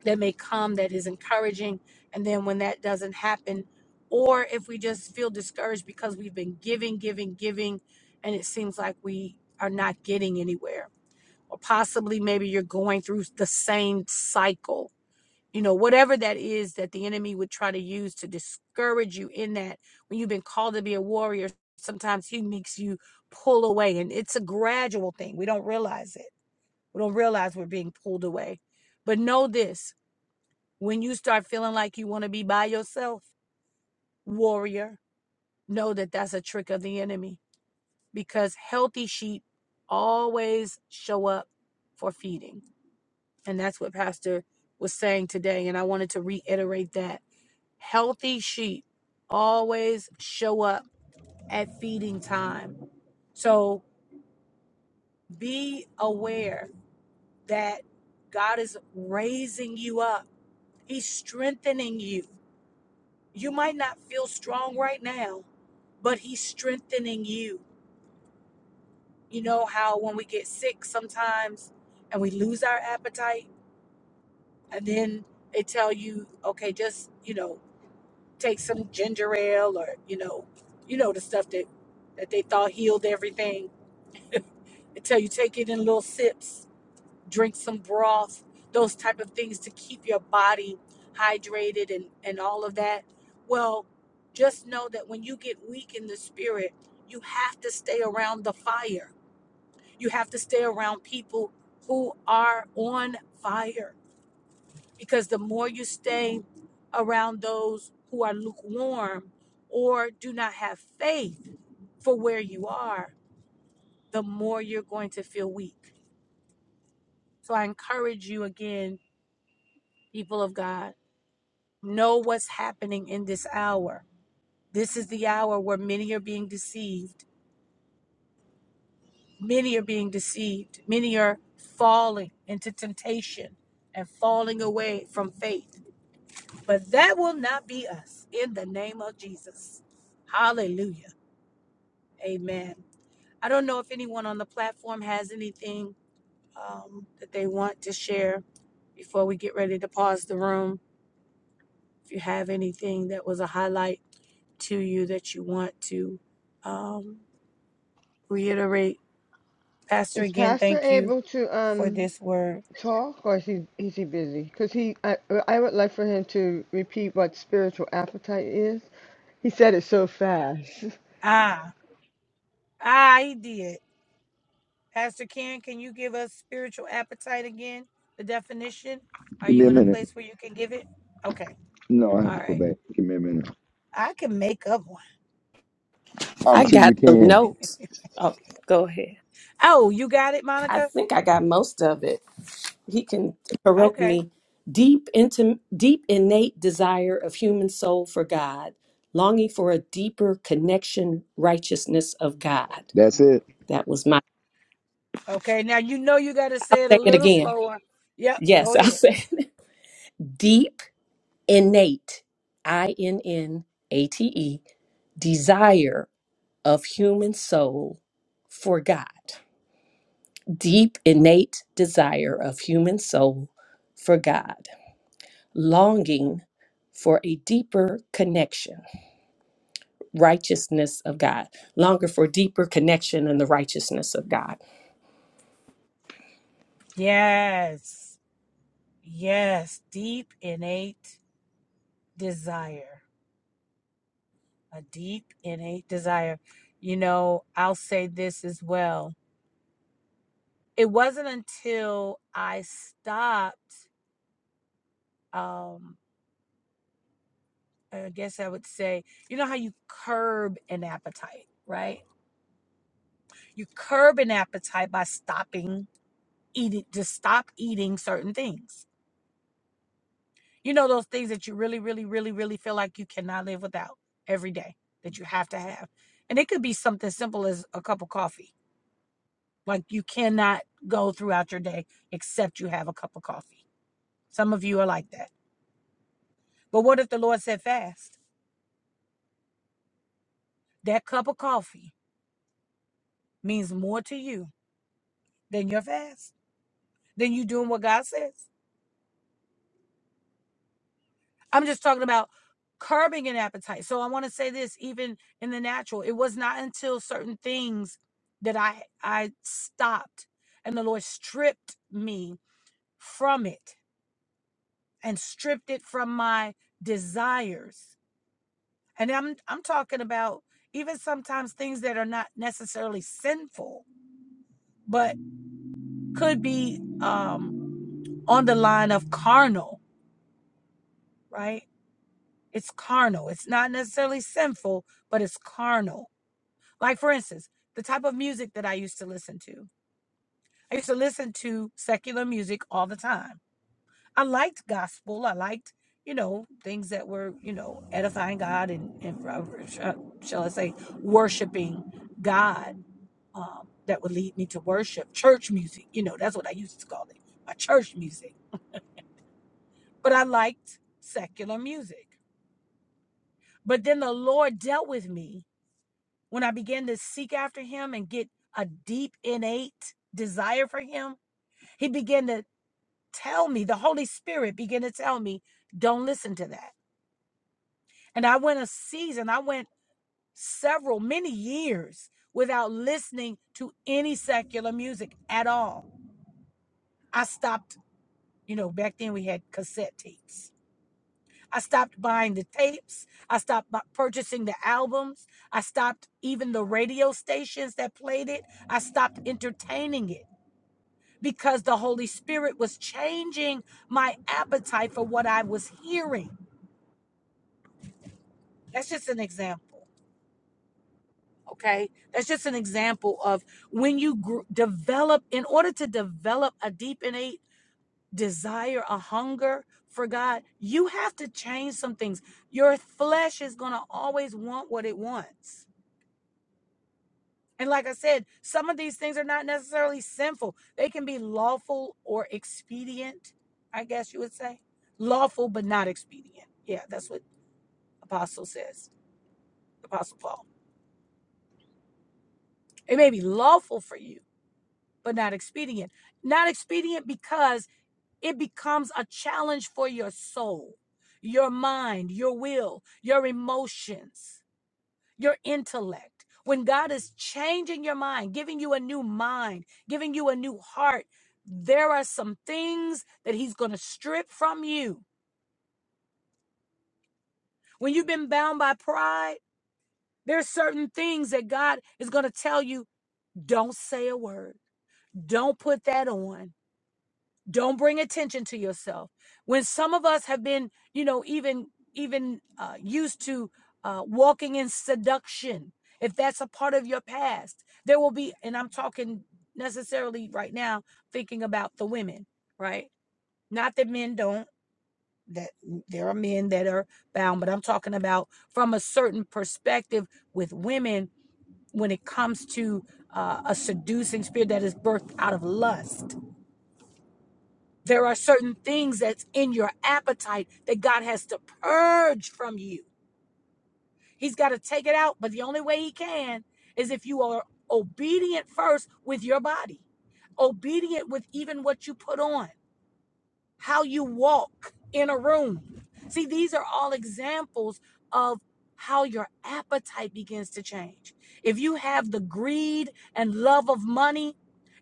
that may come that is encouraging, and then when that doesn't happen, or if we just feel discouraged because we've been giving, giving, giving, and it seems like we are not getting anywhere, or possibly maybe you're going through the same cycle you know whatever that is that the enemy would try to use to discourage you in that when you've been called to be a warrior sometimes he makes you pull away and it's a gradual thing we don't realize it we don't realize we're being pulled away but know this when you start feeling like you want to be by yourself warrior know that that's a trick of the enemy because healthy sheep always show up for feeding and that's what pastor was saying today and i wanted to reiterate that healthy sheep always show up at feeding time. So be aware that God is raising you up, He's strengthening you. You might not feel strong right now, but He's strengthening you. You know how when we get sick sometimes and we lose our appetite, and then they tell you, okay, just, you know, take some ginger ale or you know, you know the stuff that that they thought healed everything. Until you take it in little sips, drink some broth, those type of things to keep your body hydrated and and all of that. Well, just know that when you get weak in the spirit, you have to stay around the fire. You have to stay around people who are on fire because the more you stay around those who are lukewarm or do not have faith for where you are, the more you're going to feel weak. So I encourage you again, people of God, know what's happening in this hour. This is the hour where many are being deceived. Many are being deceived. Many are falling into temptation and falling away from faith But that will not be us in the name of Jesus. Hallelujah. Amen. I don't know if anyone on the platform has anything um, that they want to share before we get ready to pause the room. If you have anything that was a highlight to you that you want to um, reiterate, Pastor,
Is
again,
Pastor
thank you
able to
for
um
this word.
talk, or is he is he busy? Because he, I, I would like for him to repeat what spiritual appetite is. He said it so fast.
Ah, ah, he did. Pastor Karen, can you give us spiritual appetite again? The definition? Are
Give me
you
a
in a
minute.
place where you can give it? Okay.
No, I have
All
to go
right.
back. Give me a minute.
I can make up one.
I'm
I
sure
got
you
some
can.
notes. Oh, go ahead.
Oh, you got it,
I
Monica?
think I got most of it. he can correct
Okay.
me deep into deep innate desire of human soul for god longing for a deeper connection righteousness of god
That's it.
that was my
Okay. Now you know you got to
i'll
say it a
say it
little
again
slower. Yep.
yes
Go
i'll
ahead.
say it deep innate i-n-n-a-t-e desire of human soul for god deep innate desire of human soul for god longing for a deeper connection righteousness of God, longer for deeper connection in the righteousness of God.
Yes. Yes. Deep innate desire. A deep innate desire. You know, I'll say this as well. It wasn't until I stopped. Um, I guess I would say, you know how you curb an appetite, right? You curb an appetite by stopping eating, just stop eating certain things. You know, those things that you really, really, really, really feel like you cannot live without every day that you have to have. And it could be something simple as a cup of coffee. Like you cannot go throughout your day except you have a cup of coffee. Some of you are like that. But what if the Lord said fast? That cup of coffee means more to you than your fast then you doing what God says. I'm just talking about curbing an appetite. So I want to say this, even in the natural, it was not until certain things that I I stopped and the Lord stripped me from it and stripped it from my desires. And I'm I'm talking about even sometimes things that are not necessarily sinful, but could be um on the line of carnal, right? It's carnal. It's not necessarily sinful, but it's carnal. Like, for instance, the type of music that I used to listen to. I used to listen to secular music all the time. I liked gospel. I liked, you know, things that were, you know, edifying God and, and uh, sh- uh, shall I say, worshiping God um, that would lead me to worship. Church music, you know, that's what I used to call it, my church music. But I liked secular music. But then the Lord dealt with me when I began to seek after him and get a deep innate desire for him, he began to tell me, the Holy Spirit began to tell me, don't listen to that. And I went a season, I went several, many years without listening to any secular music at all. I stopped, you know, back then we had cassette tapes. I stopped buying the tapes. I stopped bu- purchasing the albums. I stopped even the radio stations that played it. I stopped entertaining it. because the Holy Spirit was changing my appetite for what I was hearing. That's just an example, okay? That's just an example of when you gr- develop, in order to develop a deep innate desire, a hunger for God, you have to change some things. Your flesh is going to always want what it wants And like I said, some of these things are not necessarily sinful. They can be lawful or expedient, I guess you would say. Lawful, but not expedient. Yeah, that's what Apostle says, Apostle Paul. It may be lawful for you, but not expedient. Not expedient because it becomes a challenge for your soul, your mind, your will, your emotions your intellect, when God is changing your mind, giving you a new mind, giving you a new heart, there are some things that He's going to strip from you. When you've been bound by pride, there are certain things that God is going to tell you don't say a word, don't put that on. don't bring attention to yourself when some of us have been you know even even uh, used to uh, walking in seduction if that's a part of your past there will be and i'm talking necessarily right now thinking about the women right not that men don't that mm, there are men that are bound but i'm talking about from a certain perspective with women when it comes to uh, a seducing spirit that is birthed out of lust there are certain things that's in your appetite that God has to purge from you. He's got to take it out, but the only way He can is if you are obedient first with your body, obedient with even what you put on, how you walk in a room. See, these are all examples of how your appetite begins to change. If you have the greed and love of money,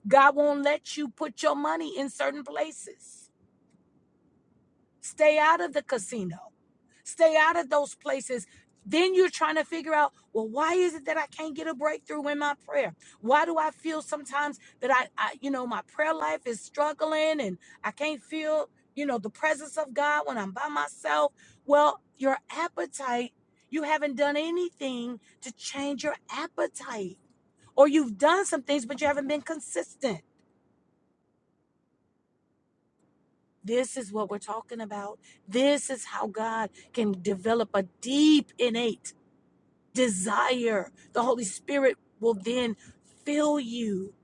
God won't let you put your money in certain places. Stay out of the casino. Stay out of those places. Then you're trying to figure out, well, why is it that I can't get a breakthrough in my prayer? Why do I feel sometimes that I, I you know, my prayer life is struggling and I can't feel, you know, the presence of God when I'm by myself? Well, your appetite, you haven't done anything to change your appetite. Or you've done some things, but you haven't been consistent. This is what we're talking about. This is how God can develop a deep, innate desire. The Holy Spirit will then fill you.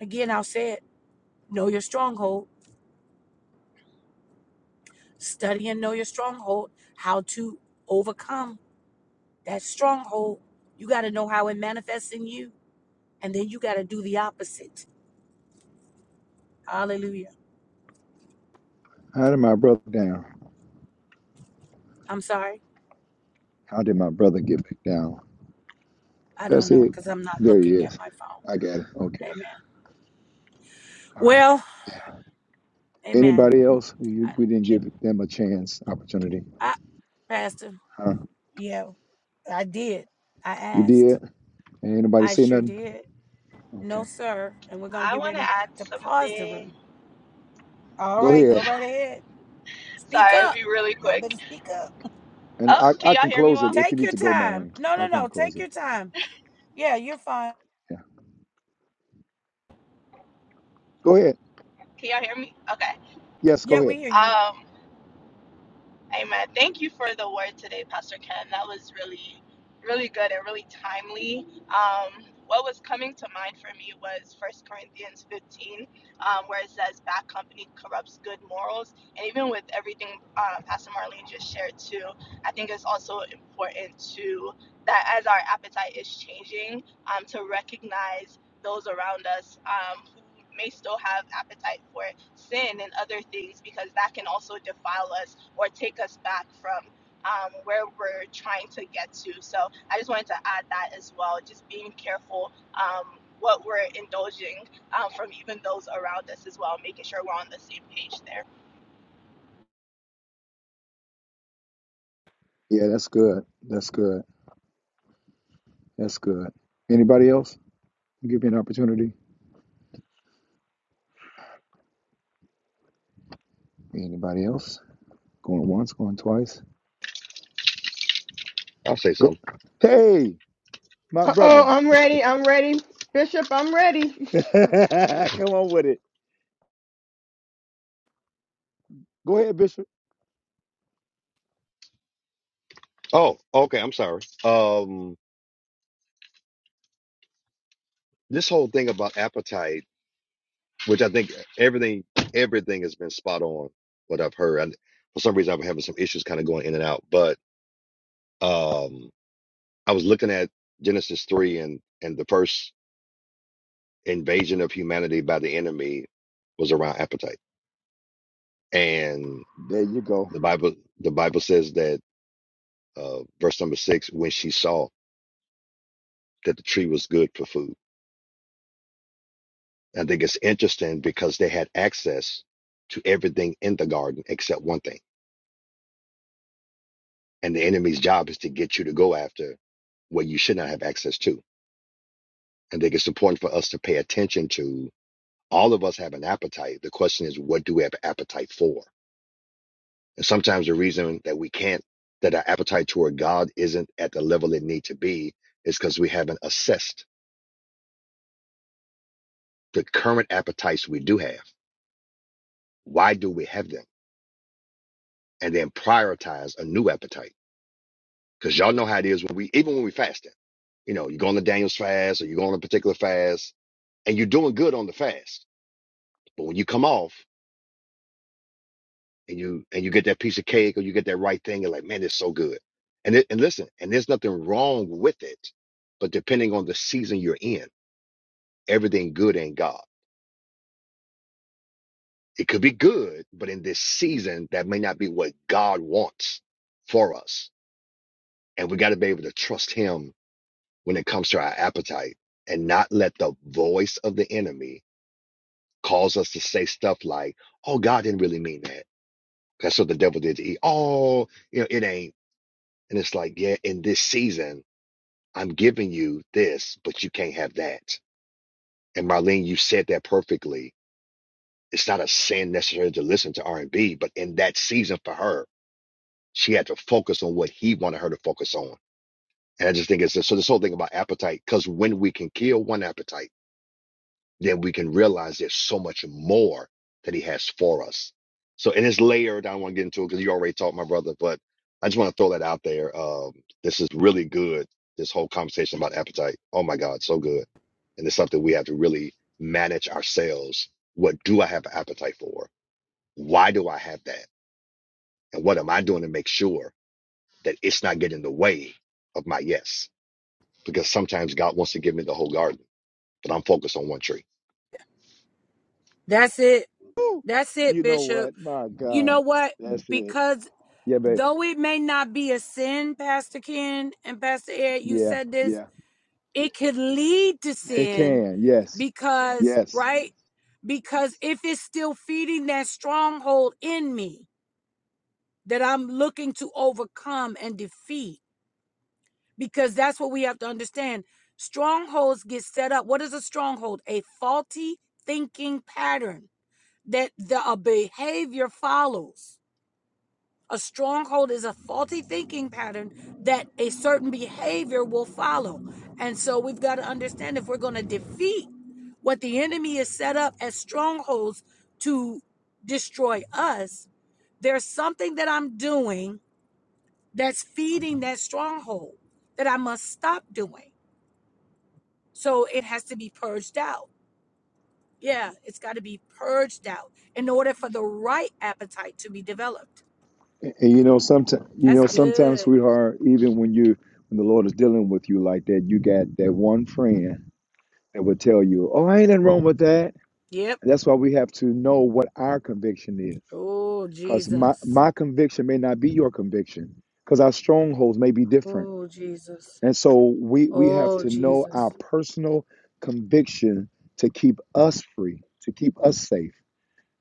Again, I'll say it know your stronghold, study and know your stronghold, how to overcome that stronghold. You got to know how it manifests in you, and then you got to do the opposite. Hallelujah.
How did my brother down?
I'm sorry.
How did my brother get back down?
I don't
That's
know
it.
because I'm not
There he
looking at
is.
my phone.
I got it. Okay.
Amen.
All right.
Well, amen.
Anybody else? You, we didn't give them a chance, opportunity.
I, Pastor.
Huh?
Yeah, I did. I
You did?
asked.
Ain't nobody
I
say
sure
nothing?
did. No,
Okay.
sir. And we're going to
I
get
want to
ready
add
to pause the
something.
room. All
Go
right, go
ahead.
right ahead. Speak
Sorry, it'll
up.
be really
Y'all
quick.
better speak up.
And
Oh,
I,
can
I
y'all
can
hear me
close it
well?
if you
Take
need
your
to go,
time.
Marlene.
No, no,
I can
no.
close
Take
it.
your time. Yeah, you're fine.
Yeah. Go ahead.
Can y'all hear me? Okay.
Yes,
Yeah,
go
we
ahead.
hear you.
Um, amen. Thank you for the word today, Pastor Ken. That was really, really good and really timely. Um, what was coming to mind for me was First Corinthians 15, um, where it says, Bad company corrupts good morals. And even with everything uh, Pastor Marlene just shared, too, I think it's also important to that as our appetite is changing, um, to recognize those around us um, who may still have appetite for sin and other things because that can also defile us or take us back from um, where we're trying to get to. So I just wanted to add that as well, just being careful um, what we're indulging um, from even those around us as well, making sure we're on the same page there.
Yeah, that's good. That's good. That's good. Anybody else? Give me an opportunity. Anybody else? Going once, going twice.
I'll say
Go.
something.
Hey, my
Uh oh,
brother.
I'm ready. I'm ready. Bishop, I'm ready.
Come on with it. Go ahead, Bishop.
Oh, okay. I'm sorry. Um, this whole thing about appetite, which I think everything everything has been spot on what I've heard. I, for some reason, I'm having some issues kind of going in and out. But um, I was looking at Genesis three, and and the first invasion of humanity by the enemy was around appetite. And
There you go.
the Bible the Bible says that uh, verse number six, when she saw that the tree was good for food I think it's interesting because they had access to everything in the garden except one thing. And the enemy's job is to get you to go after what you should not have access to. I think it's important for us to pay attention to all of us have an appetite. The question is, what do we have an appetite for? And sometimes the reason that we can't, that our appetite toward God isn't at the level it need to be is because we haven't assessed the current appetites we do have. Why do we have them? And then prioritize a new appetite Because y'all know how it is when we, even when we fasting, you know, you go on the Daniel's fast or you go on a particular fast and you're doing good on the fast. But when you come off and you, and you get that piece of cake or you get that right thing, you're like, man, it's so good. And it, and listen, and there's nothing wrong with it, but depending on the season you're in, everything good ain't God. It could be good, but in this season, that may not be what God wants for us. And we got to be able to trust him when it comes to our appetite and not let the voice of the enemy cause us to say stuff like, "Oh, God didn't really mean that." That's what the devil did to Eve. Oh, you know, it ain't. And it's like, yeah, in this season, I'm giving you this, but you can't have that. And Marlene, you said that perfectly. It's not a sin necessarily to listen to R&B, but in that season for her, she had to focus on what he wanted her to focus on. And I just think it's so this whole thing about appetite, because when we can kill one appetite then we can realize there's so much more that he has for us. So, and it's layered. I don't want to get into it because you already taught my brother, but I just want to throw that out there. Um, this is really good. This whole conversation about appetite. Oh my God, so good. And it's something we have to really manage ourselves. What do I have an appetite for? Why do I have that? And what am I doing to make sure that it's not getting in the way of my yes? Because sometimes God wants to give me the whole garden, but I'm focused on one tree.
That's it.
Woo!
That's it,
You know
Bishop.
what? My
You
God.
know what?
That's it.
Because
Yeah, babe.
though it may not be a sin, Pastor Ken and Pastor Ed, you
Yeah,
said this
yeah.
it could lead to
It
sin
can. Yes,
because
yes.
right because if it's still feeding that stronghold in me that i'm looking to overcome and defeat because that's what we have to understand strongholds get set up what is a stronghold a faulty thinking pattern that the a behavior follows A stronghold is a faulty thinking pattern that a certain behavior will follow. And so we've got to understand if we're going to defeat what the enemy is set up as strongholds to destroy us, there's something that I'm doing that's feeding that stronghold that I must stop doing. So it has to be purged out. Yeah, it's got to be purged out in order for the right appetite to be developed.
And you know, sometimes you
That's
know, sometimes,
good.
sweetheart, even when you when the Lord is dealing with you like that, you got that one friend that will tell you, "Oh, ain't nothing wrong with that."
Yep.
And that's why we have to know what our conviction is,
Oh,
because my
Jesus.
my conviction may not be your conviction, because our strongholds may be different,
Oh, Jesus.
and so we we have
Oh,
to know our
Jesus.
personal conviction to keep us free, to keep us safe.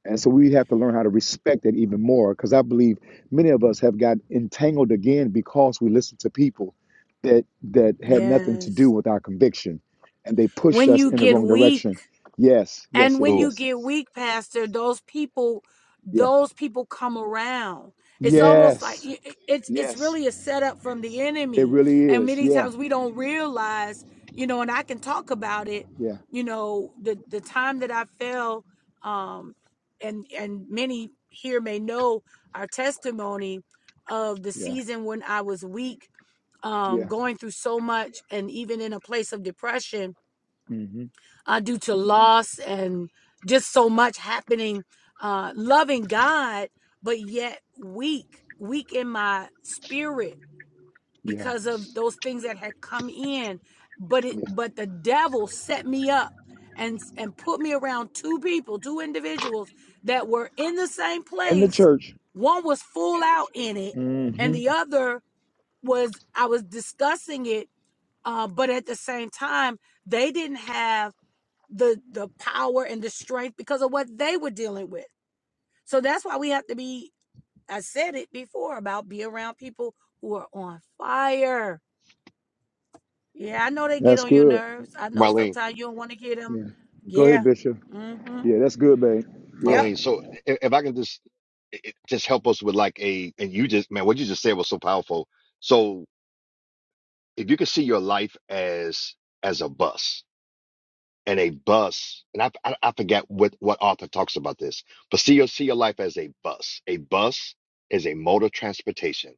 And so we have to learn how to respect that even more because I believe many of us have got entangled again because we listened to people that that had nothing to do
Yes.
with our conviction and they pushed
When
us
you
in the
get
wrong
weak.
direction. Yes, yes,
And
yes,
when
Ooh,
you
yes.
get weak, Pastor, those people,
Yeah.
those people come around. It's almost like
Yes.
i- it's it's
Yes.
really a setup from the
It
enemy,
really
and
is.
many
Yeah.
times we don't realize, you know. And I can talk about it,
Yeah.
you know, the the time that I fell, um, and and many here may know our testimony of the
Yeah.
season when I was weak, um,
Yeah.
going through so much, and even in a place of depression
hmm
uh, due to loss and just so much happening. Uh, loving God, but yet weak, weak in my spirit
Yeah.
because of those things that had come in. But it,
Yeah.
but the devil set me up and and put me around two people, two individuals that were in the same
And the
place.
church.
One was full out in it, and
hmm
the other was I was discussing it. Uh, but at the same time, they didn't have the the power and the strength because of what they were dealing with. So that's why we have to be I said it before about be around people who are on fire. Yeah, I know they get
That's
on your
good.
nerves. I know
Marlene.
sometimes you don't want to hear them.
Yeah. Go ahead,
Yeah.
Bishop.
mm Mhm.
Yeah, that's good, babe. Yeah.
Yep.
Marlene, so if, if I can just i- i- just help us with like a and you just man, what you just said was so powerful. So if you could see your life as as a bus and a bus, and I I, I forget what what author talks about this, but see your see your life as a bus. A bus is a mode of transportation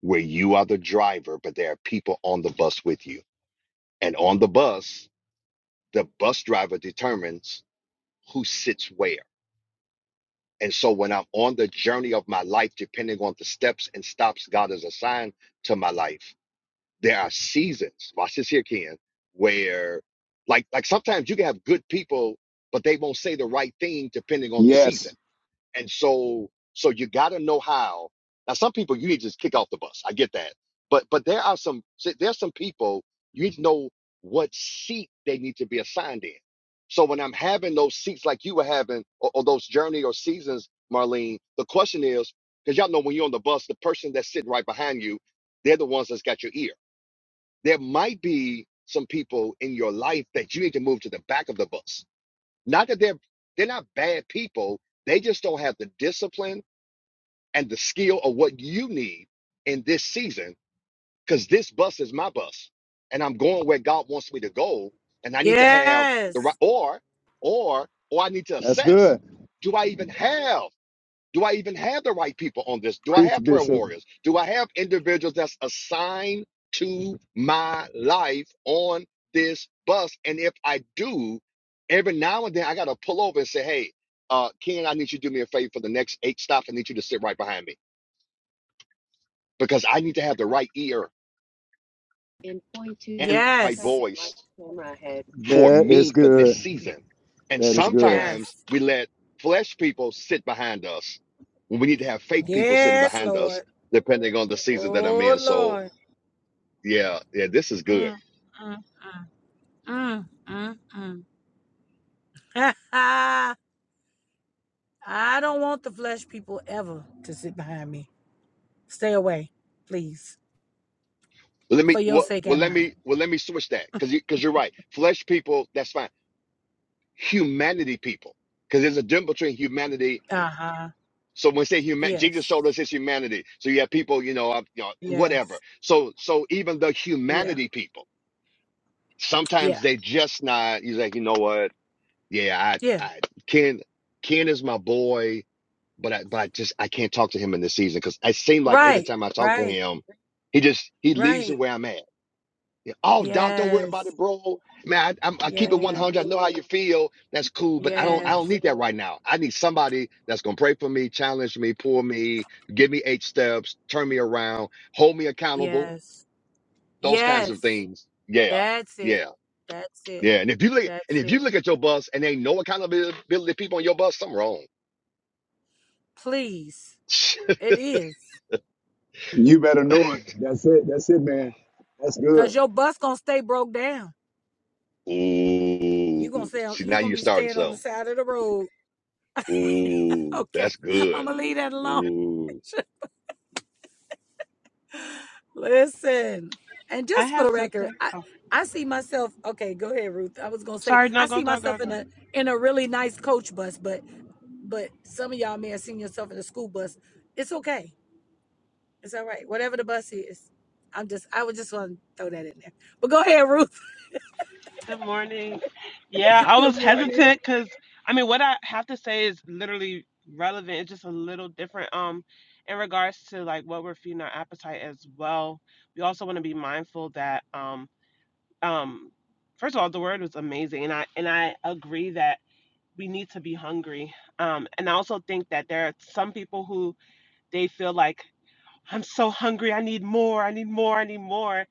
where you are the driver, but there are people on the bus with you, and on the bus, the bus driver determines who sits where. And so when I'm on the journey of my life, depending on the steps and stops God has assigned to my life, there are seasons, watch this here, Ken, where like like sometimes you can have good people, but they won't say the right thing depending on the season.
Yes.
And so, so you got to know how. Now, some people you need to just kick off the bus. I get that, but but there are some see, there are some people you need to know what seat they need to be assigned in. So when I'm having those seats like you were having, or, or those journey or seasons, Marlene, the question is because y'all know when you're on the bus, the person that's sitting right behind you, they're the ones that's got your ear. There might be some people in your life that you need to move to the back of the bus not that they're they're not bad people. They just don't have the discipline and the skill of what you need in this season. Because this bus is my bus, and I'm going where God wants me to go. And I need to have the right,
Yes.
or, or, or I need to
That's
assess:
good.
Do I even have? Do I even have the right people on this? Do I
Preach,
have prayer
Bishop.
warriors? Do I have individuals that's assigned to my life on this bus? And if I do, every now and then I got to pull over and say, hey, uh, Ken, I need you to do me a favor for the next eight stops. I need you to sit right behind me because I need to have the right ear and point to and my
Yes.
voice for
That is
me for this
good.
season. And
That is good.
Yes.
sometimes we let flesh people sit behind us when we need to have faith people sitting
Yes,
behind us,
Lord.
depending on the season that I'm
Oh,
in. So
Lord.
yeah, yeah, this is good.
Mm, mm, mm, mm, mm, mm. I don't want the flesh people ever to sit behind me. Stay away, please,
But let
for
me
your
well,
sake
well
and
let
mine.
me well let me switch that because you, because you're right. Flesh people, that's fine. Humanity people, because there's a difference between humanity
Uh huh.
So when we say human, Jesus
Yes.
showed us his humanity. So you have people, you know, uh, you know,
Yes.
whatever. So so even the
Yeah.
humanity people,
Yeah.
sometimes they just not. He's like, you know what? Yeah, I,
Yeah.
I Ken, Ken is my boy, but I, but I just I can't talk to him in this season because it seemed like every
Right.
time I talk to
Right.
him, he just he leaves it
Right.
where I'm at. Yeah. Oh, doc, don't worry about
Yes.
it, bro. Man, I, I'm, I keep it
Yes.
100. I know how you feel. That's cool, but I don't. I don't
Yes.
need that right now. I need somebody that's gonna pray for me, challenge me, pull me, give me eight steps, turn me around, hold me accountable.
Yes.
Those kinds of
Yes.
things. Yeah,
That's it.
yeah,
That's it.
yeah. And if you look, and
That's
if you
it.
look at your bus and ain't no accountability people on your bus, something wrong.
Please. It is.
You better know it. That's it. That's it, man. That's
Cause
good.
your bus gonna stay broke down. You gonna
Ooh,
stay on,
see, now
you gonna
you're
be
starting
staying on the
something.
side of the road.
Ooh,
Okay.
that's
I'm
good.
gonna leave that alone.
Ooh,
Listen, and
I
just for
have
the record,
something.
I
Oh,
I see myself. Okay, go ahead, Ruth. I was gonna say
sorry.
I
No, go,
see
go, go,
myself
go.
in a in a really nice coach bus, but but some of y'all may have seen yourself in a school bus. It's okay. It's all right. Whatever the bus is, I'm just I would just want to throw that in there. But go ahead, Ruth.
Good morning. Yeah, I
Good
was
morning.
hesitant because I mean, what I have to say is literally relevant. It's just a little different. Um, in regards to like what we're feeding our appetite as well, we also want to be mindful that um um first of all, the word was amazing, and I and I agree that we need to be hungry. Um, and I also think that there are some people who they feel like I'm so hungry. I need more. I need more. I need more.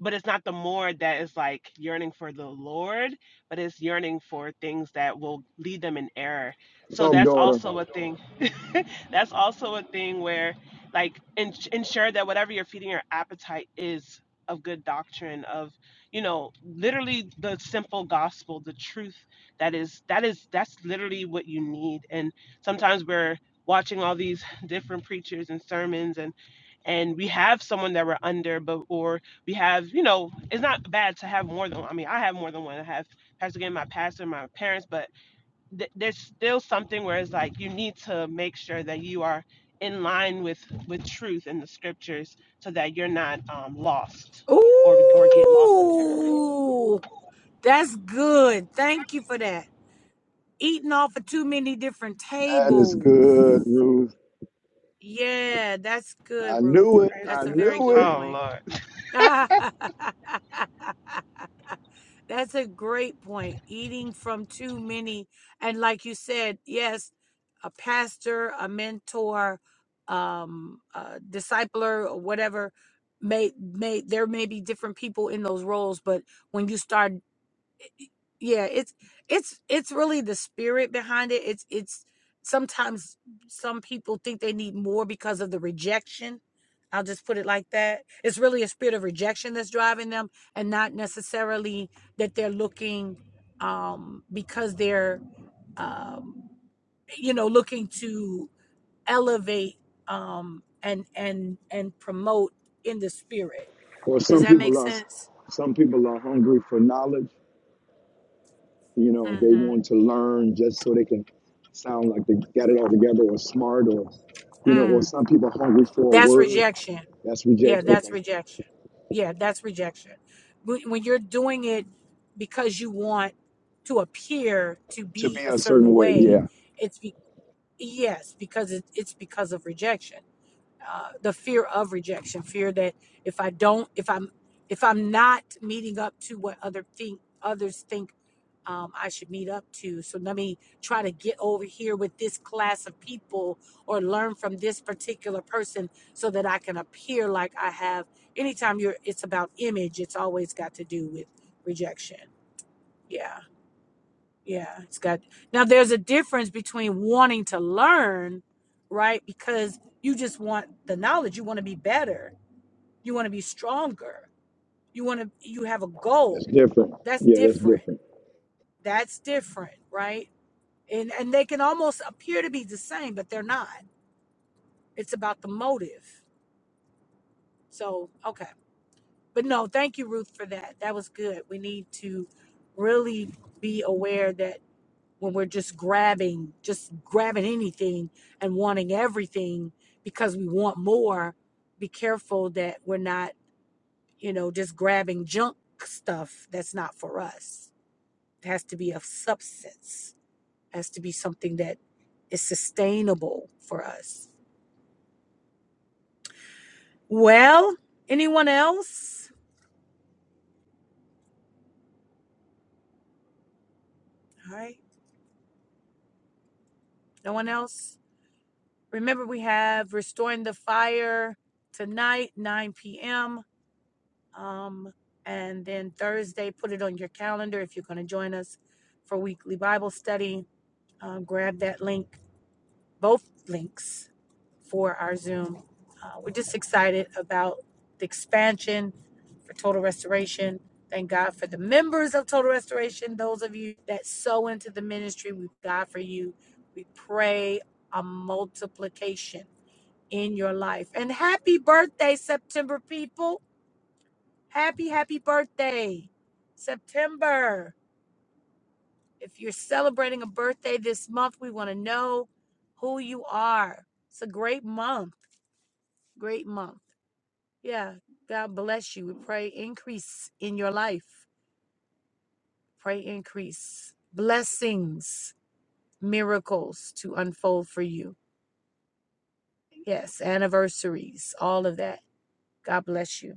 But it's not the more that is like yearning for the Lord, but it's yearning for things that will lead them in error. So
Talk,
that's
daughter.
also a thing. that's also a thing where, like, en- ensure that whatever you're feeding your appetite is of good doctrine, of, you know, literally the simple gospel, the truth that is, that is, that's literally what you need. And sometimes we're watching all these different preachers and sermons and and we have someone that we're under, but or we have, you know, it's not bad to have more than. one. I mean, I have more than one. I have Pastor again, my pastor, my parents, but th- there's still something where it's like you need to make sure that you are in line with with truth in the scriptures, so that you're not um, lost or or get lost in error.
Ooh, that's good. Thank you for that. Eating off of too many different
That is good,
tables.
Ruth.
Yeah, that's good,
I
Ruth.
knew it. I
That's a very
knew
good
it.
Oh
point.
Lord.
That's a great point. Eating from too many, and like you said, yes, a pastor, a mentor, um, a discipler, or whatever may may there may be different people in those roles, but when you start yeah it's it's it's really the spirit behind it it's it's sometimes some people think they need more because of the rejection i'll just put it like that it's really a spirit of rejection that's driving them and not necessarily that they're looking um because they're um you know looking to elevate um and and and promote in the spirit
Well,
does
some
that make
people are.
sense
Some people are hungry for knowledge. You know, they
mm-hmm.
want to learn just so they can sound like they got it all together or smart or, you know, or
Mm.
some people are hungry for a
that's
word.
rejection
That's
Yeah,
reject.
that's
Okay.
rejection. Yeah, that's rejection. When when you're doing it because you want to appear to
To
be
be
a
a certain
certain
way. Yeah.
way, it's be, yes, because it, it's because of rejection uh, the fear of rejection, fear that if I don't, if I'm, if I'm not meeting up to what other think others think um, I should meet up to, so let me try to get over here with this class of people or learn from this particular person so that I can appear like I have. Anytime you're, it's about image. It's always got to do with rejection. Yeah. Yeah, it's got now there's a difference between wanting to learn, right? Because you just want the knowledge, you want to be better, you want to be stronger, you want to you have a
That's
goal.
different.
That's
Yeah, that's
different.
different.
That's different, right? And and they can almost appear to be the same, but they're not. It's about the motive. So, okay. But no, thank you Ruth for that. That was good. We need to really be aware that when we're just grabbing, just grabbing anything and wanting everything because we want more, be careful that we're not, you know, just grabbing junk stuff that's not for us. It has to be of substance, it has to be something that is sustainable for us. Well, anyone else? All right, no one else? Remember, we have Restoring the Fire tonight, 9 p.m. Um, and then Thursday, put it on your calendar if you're going to join us for weekly Bible study. Um, grab that link, both links for our Zoom. Uh, we're just excited about the expansion for Total Restoration. Thank God for the members of Total Restoration, those of you that sow into the ministry. We God for you. We pray a multiplication in your life. And happy birthday, September people. Happy, happy birthday, September. If you're celebrating a birthday this month, we want to know who you are. It's a great month. Great month. Yeah. God bless you. We pray increase in your life. Pray increase. Blessings, miracles to unfold for you. Yes. Anniversaries, all of that. God bless you.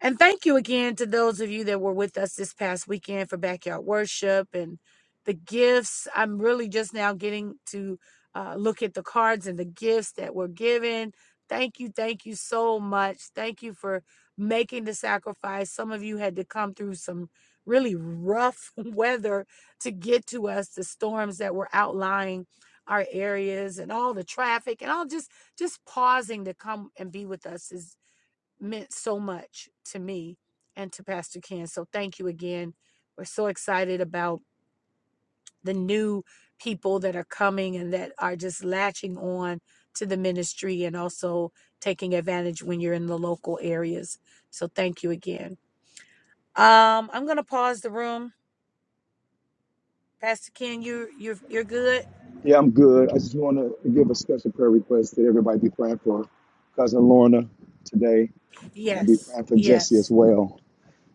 And thank you again to those of you that were with us this past weekend for backyard worship and the gifts. I'm really just now getting to uh, look at the cards and the gifts that were given. Thank you, thank you so much. Thank you for making the sacrifice. Some of you had to come through some really rough weather to get to us, the storms that were outlying our areas and all the traffic and all just just pausing to come and be with us is meant so much to me and to Pastor Ken. So thank you again. We're so excited about the new people that are coming and that are just latching on to the ministry and also taking advantage when you're in the local areas. So thank you again. Um, I'm gonna pause the room. Pastor Ken, you you're you're good?
Yeah, I'm good. I just want to give a special prayer request that everybody be praying for cousin Lorna today, and be
Yes,
praying for Jesse as
yes,
well.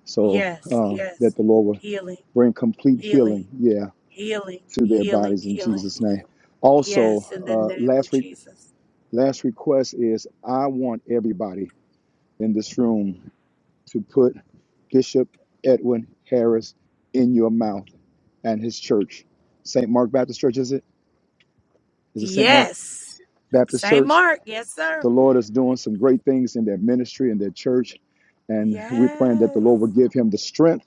So
yes,
um, that
yes.
the Lord will
Healing,
bring complete
healing,
healing, yeah,
healing,
to their
healing,
bodies in
healing.
Jesus' name. Also,
Yes, in the
uh,
name of
last re-
Jesus.
last request is I want everybody in this room to put Bishop Edwin Harris in your mouth and his church, St. Mark Baptist Church. Is it? Is it St. Mark
Yes.
Baptist
Saint
Church?
Mark. Yes, sir.
The Lord is doing some great things in their ministry and their church. And we're praying that the
Yes.
Lord will give him the strength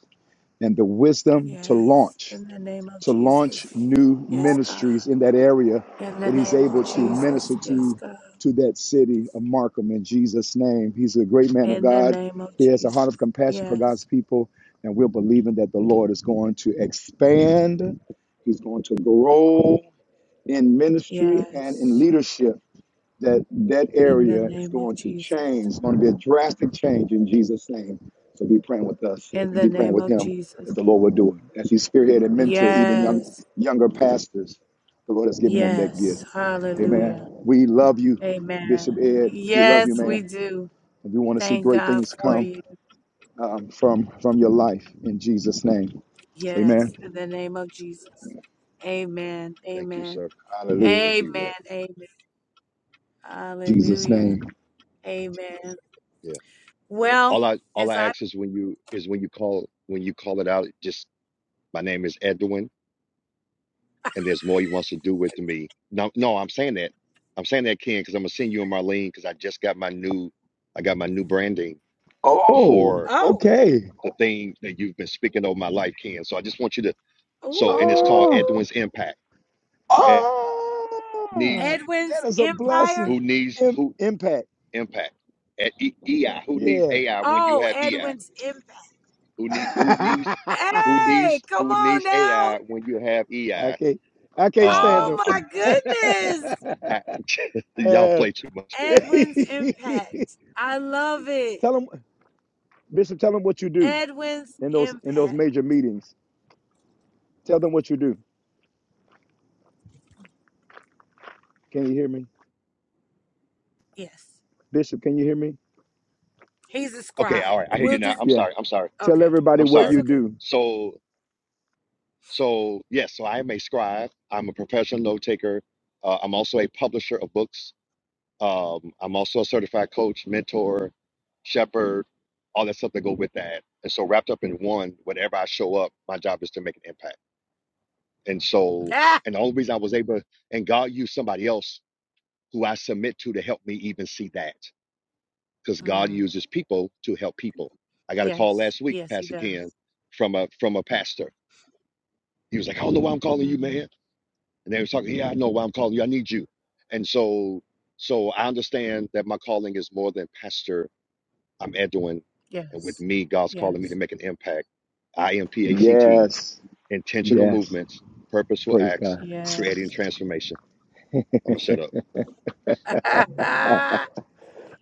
and the wisdom to
Yes.
launch,
In the name of
to launch
Jesus.
new
Yes, God.
ministries in that area
In the
that he's
name of
able to minister
Jesus. Yes,
to
God.
to that city of Markham in Jesus' name. He's a great man of
In the
God.
name of
He has a heart of
Jesus.
compassion for
Yes.
God's people. And we're believing that the Lord is going to expand, He's going to grow in ministry and in
Yes.
leadership that that
In the
area is
name of
going to change.
Jesus.
It's going to be a drastic change in Jesus' name. So be praying with us
In
and
the
be praying
name
with
of
him that the
Jesus.
Lord will do it. As he spearhead and mentor even young
Yes.
younger pastors, the Lord has given them that gift.
Yes.
Amen.
Hallelujah.
We love you,
Amen.
Bishop Ed. We love you,
Yes, we
man.
do.
And we want to see
Thank
great
God
things
for
come
you.
um, from from your life in Jesus' name.
Yes,
Amen.
in the name of Jesus. Amen.
thank you,
Amen.
sir. I
Hallelujah.
Amen.
received that.
Amen.
In Jesus'
Hallelujah.
name.
Amen.
Yeah.
Well,
All I all
as
I
I
ask is when you is when you call when you call it out, just my name is Edwin, and there's more he wants to do with me. No, no, I'm saying that. I'm saying that, Ken, because I'm gonna send you and Marlene because I just got my new I got my new branding
Oh,
for
oh,
okay.
the thing that you've been speaking over my life, Ken. So I just want you to so and it's called
Ah.
ooh,
Edwin's Impact. Ed
Ah,
needs
that
Edwin's
is a
Empire.
blessing.
who needs
Im-
who
impact.
impact. At E- EI, who needs
Yeah.
AI when you
Oh,
have EI?
Edwin's Empire.
Who need who needs
I
who
Hey,
needs
come
who
on
needs
now.
AI when you have EI?
can't. I can't stand
Um,
them.
Oh my
I'm
goodness.
I, y'all
Uh,
play too much.
Edwin's Impact. I love it.
tell them, Bishop. Tell them what you do
Edwin's
in those in those
Impact.
major meetings. Tell them what you do. Can you hear me,
Yes.
Bishop? Can you hear me?
He's a
Okay,
scribe.
all right, I hear you
We'll
now.
just
I'm
Yeah.
sorry. I'm sorry.
Tell
okay.
everybody
I'm
what
That's
sorry.
you
okay.
do.
So so yes, so I am a scribe. I'm a professional note taker. Uh, I'm also a publisher of books. Um, I'm also a certified coach, mentor, shepherd, all that stuff that go with that. And so wrapped up in one, whatever I show up, my job is to make an impact. And so, and the only reason I was able, and God used somebody else who I submit to to help me even see that, because God
Mm.
uses people to help people. I got a call
Yes.
last week,
Yes, he
Pastor Ken,
does.
from a from a pastor. He was like, "I don't know why I'm calling you,
Mm.
man." And they was talking, "Yeah, I know why I'm calling you. I need you." And so, so I understand that my calling is more than pastor. I'm Edwin, and with
Yes.
me, God's calling me to
Yes.
make an impact. I am P A C T,
Yes.
intentional
Yes.
movements, purposeful
Praise
acts,
God.
Yeah.
creating transformation. I'm gonna shut up.
Set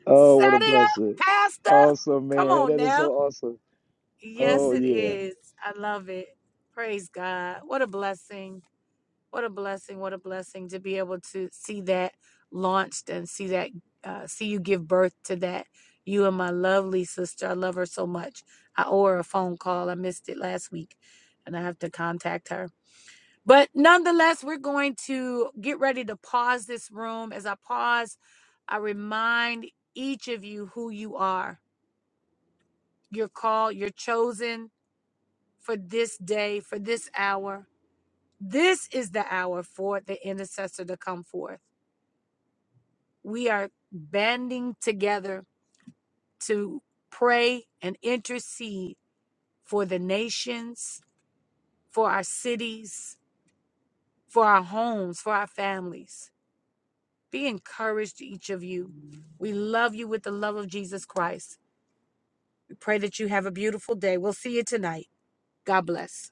Oh, what a
it up,
blessing.
Pastor.
Awesome,
Come
man.
on
That is so
now.
awesome.
Yes,
Oh
it
yeah.
is. I love it. Praise God. What a blessing. What a blessing. What a blessing to be able to see that launched and see that, uh, see you give birth to that. You and my lovely sister. I love her so much. I owe her a phone call. I missed it last week and I have to contact her. But nonetheless, we're going to get ready to pause this room. As I pause, I remind each of you who you are. You're called, you're chosen for this day, for this hour. This is the hour for the intercessor to come forth. We are banding together to pray and intercede for the nations, for our cities, for our homes, for our families. Be encouraged, each of you. We love you with the love of Jesus Christ. We pray that you have a beautiful day. We'll see you tonight. God bless.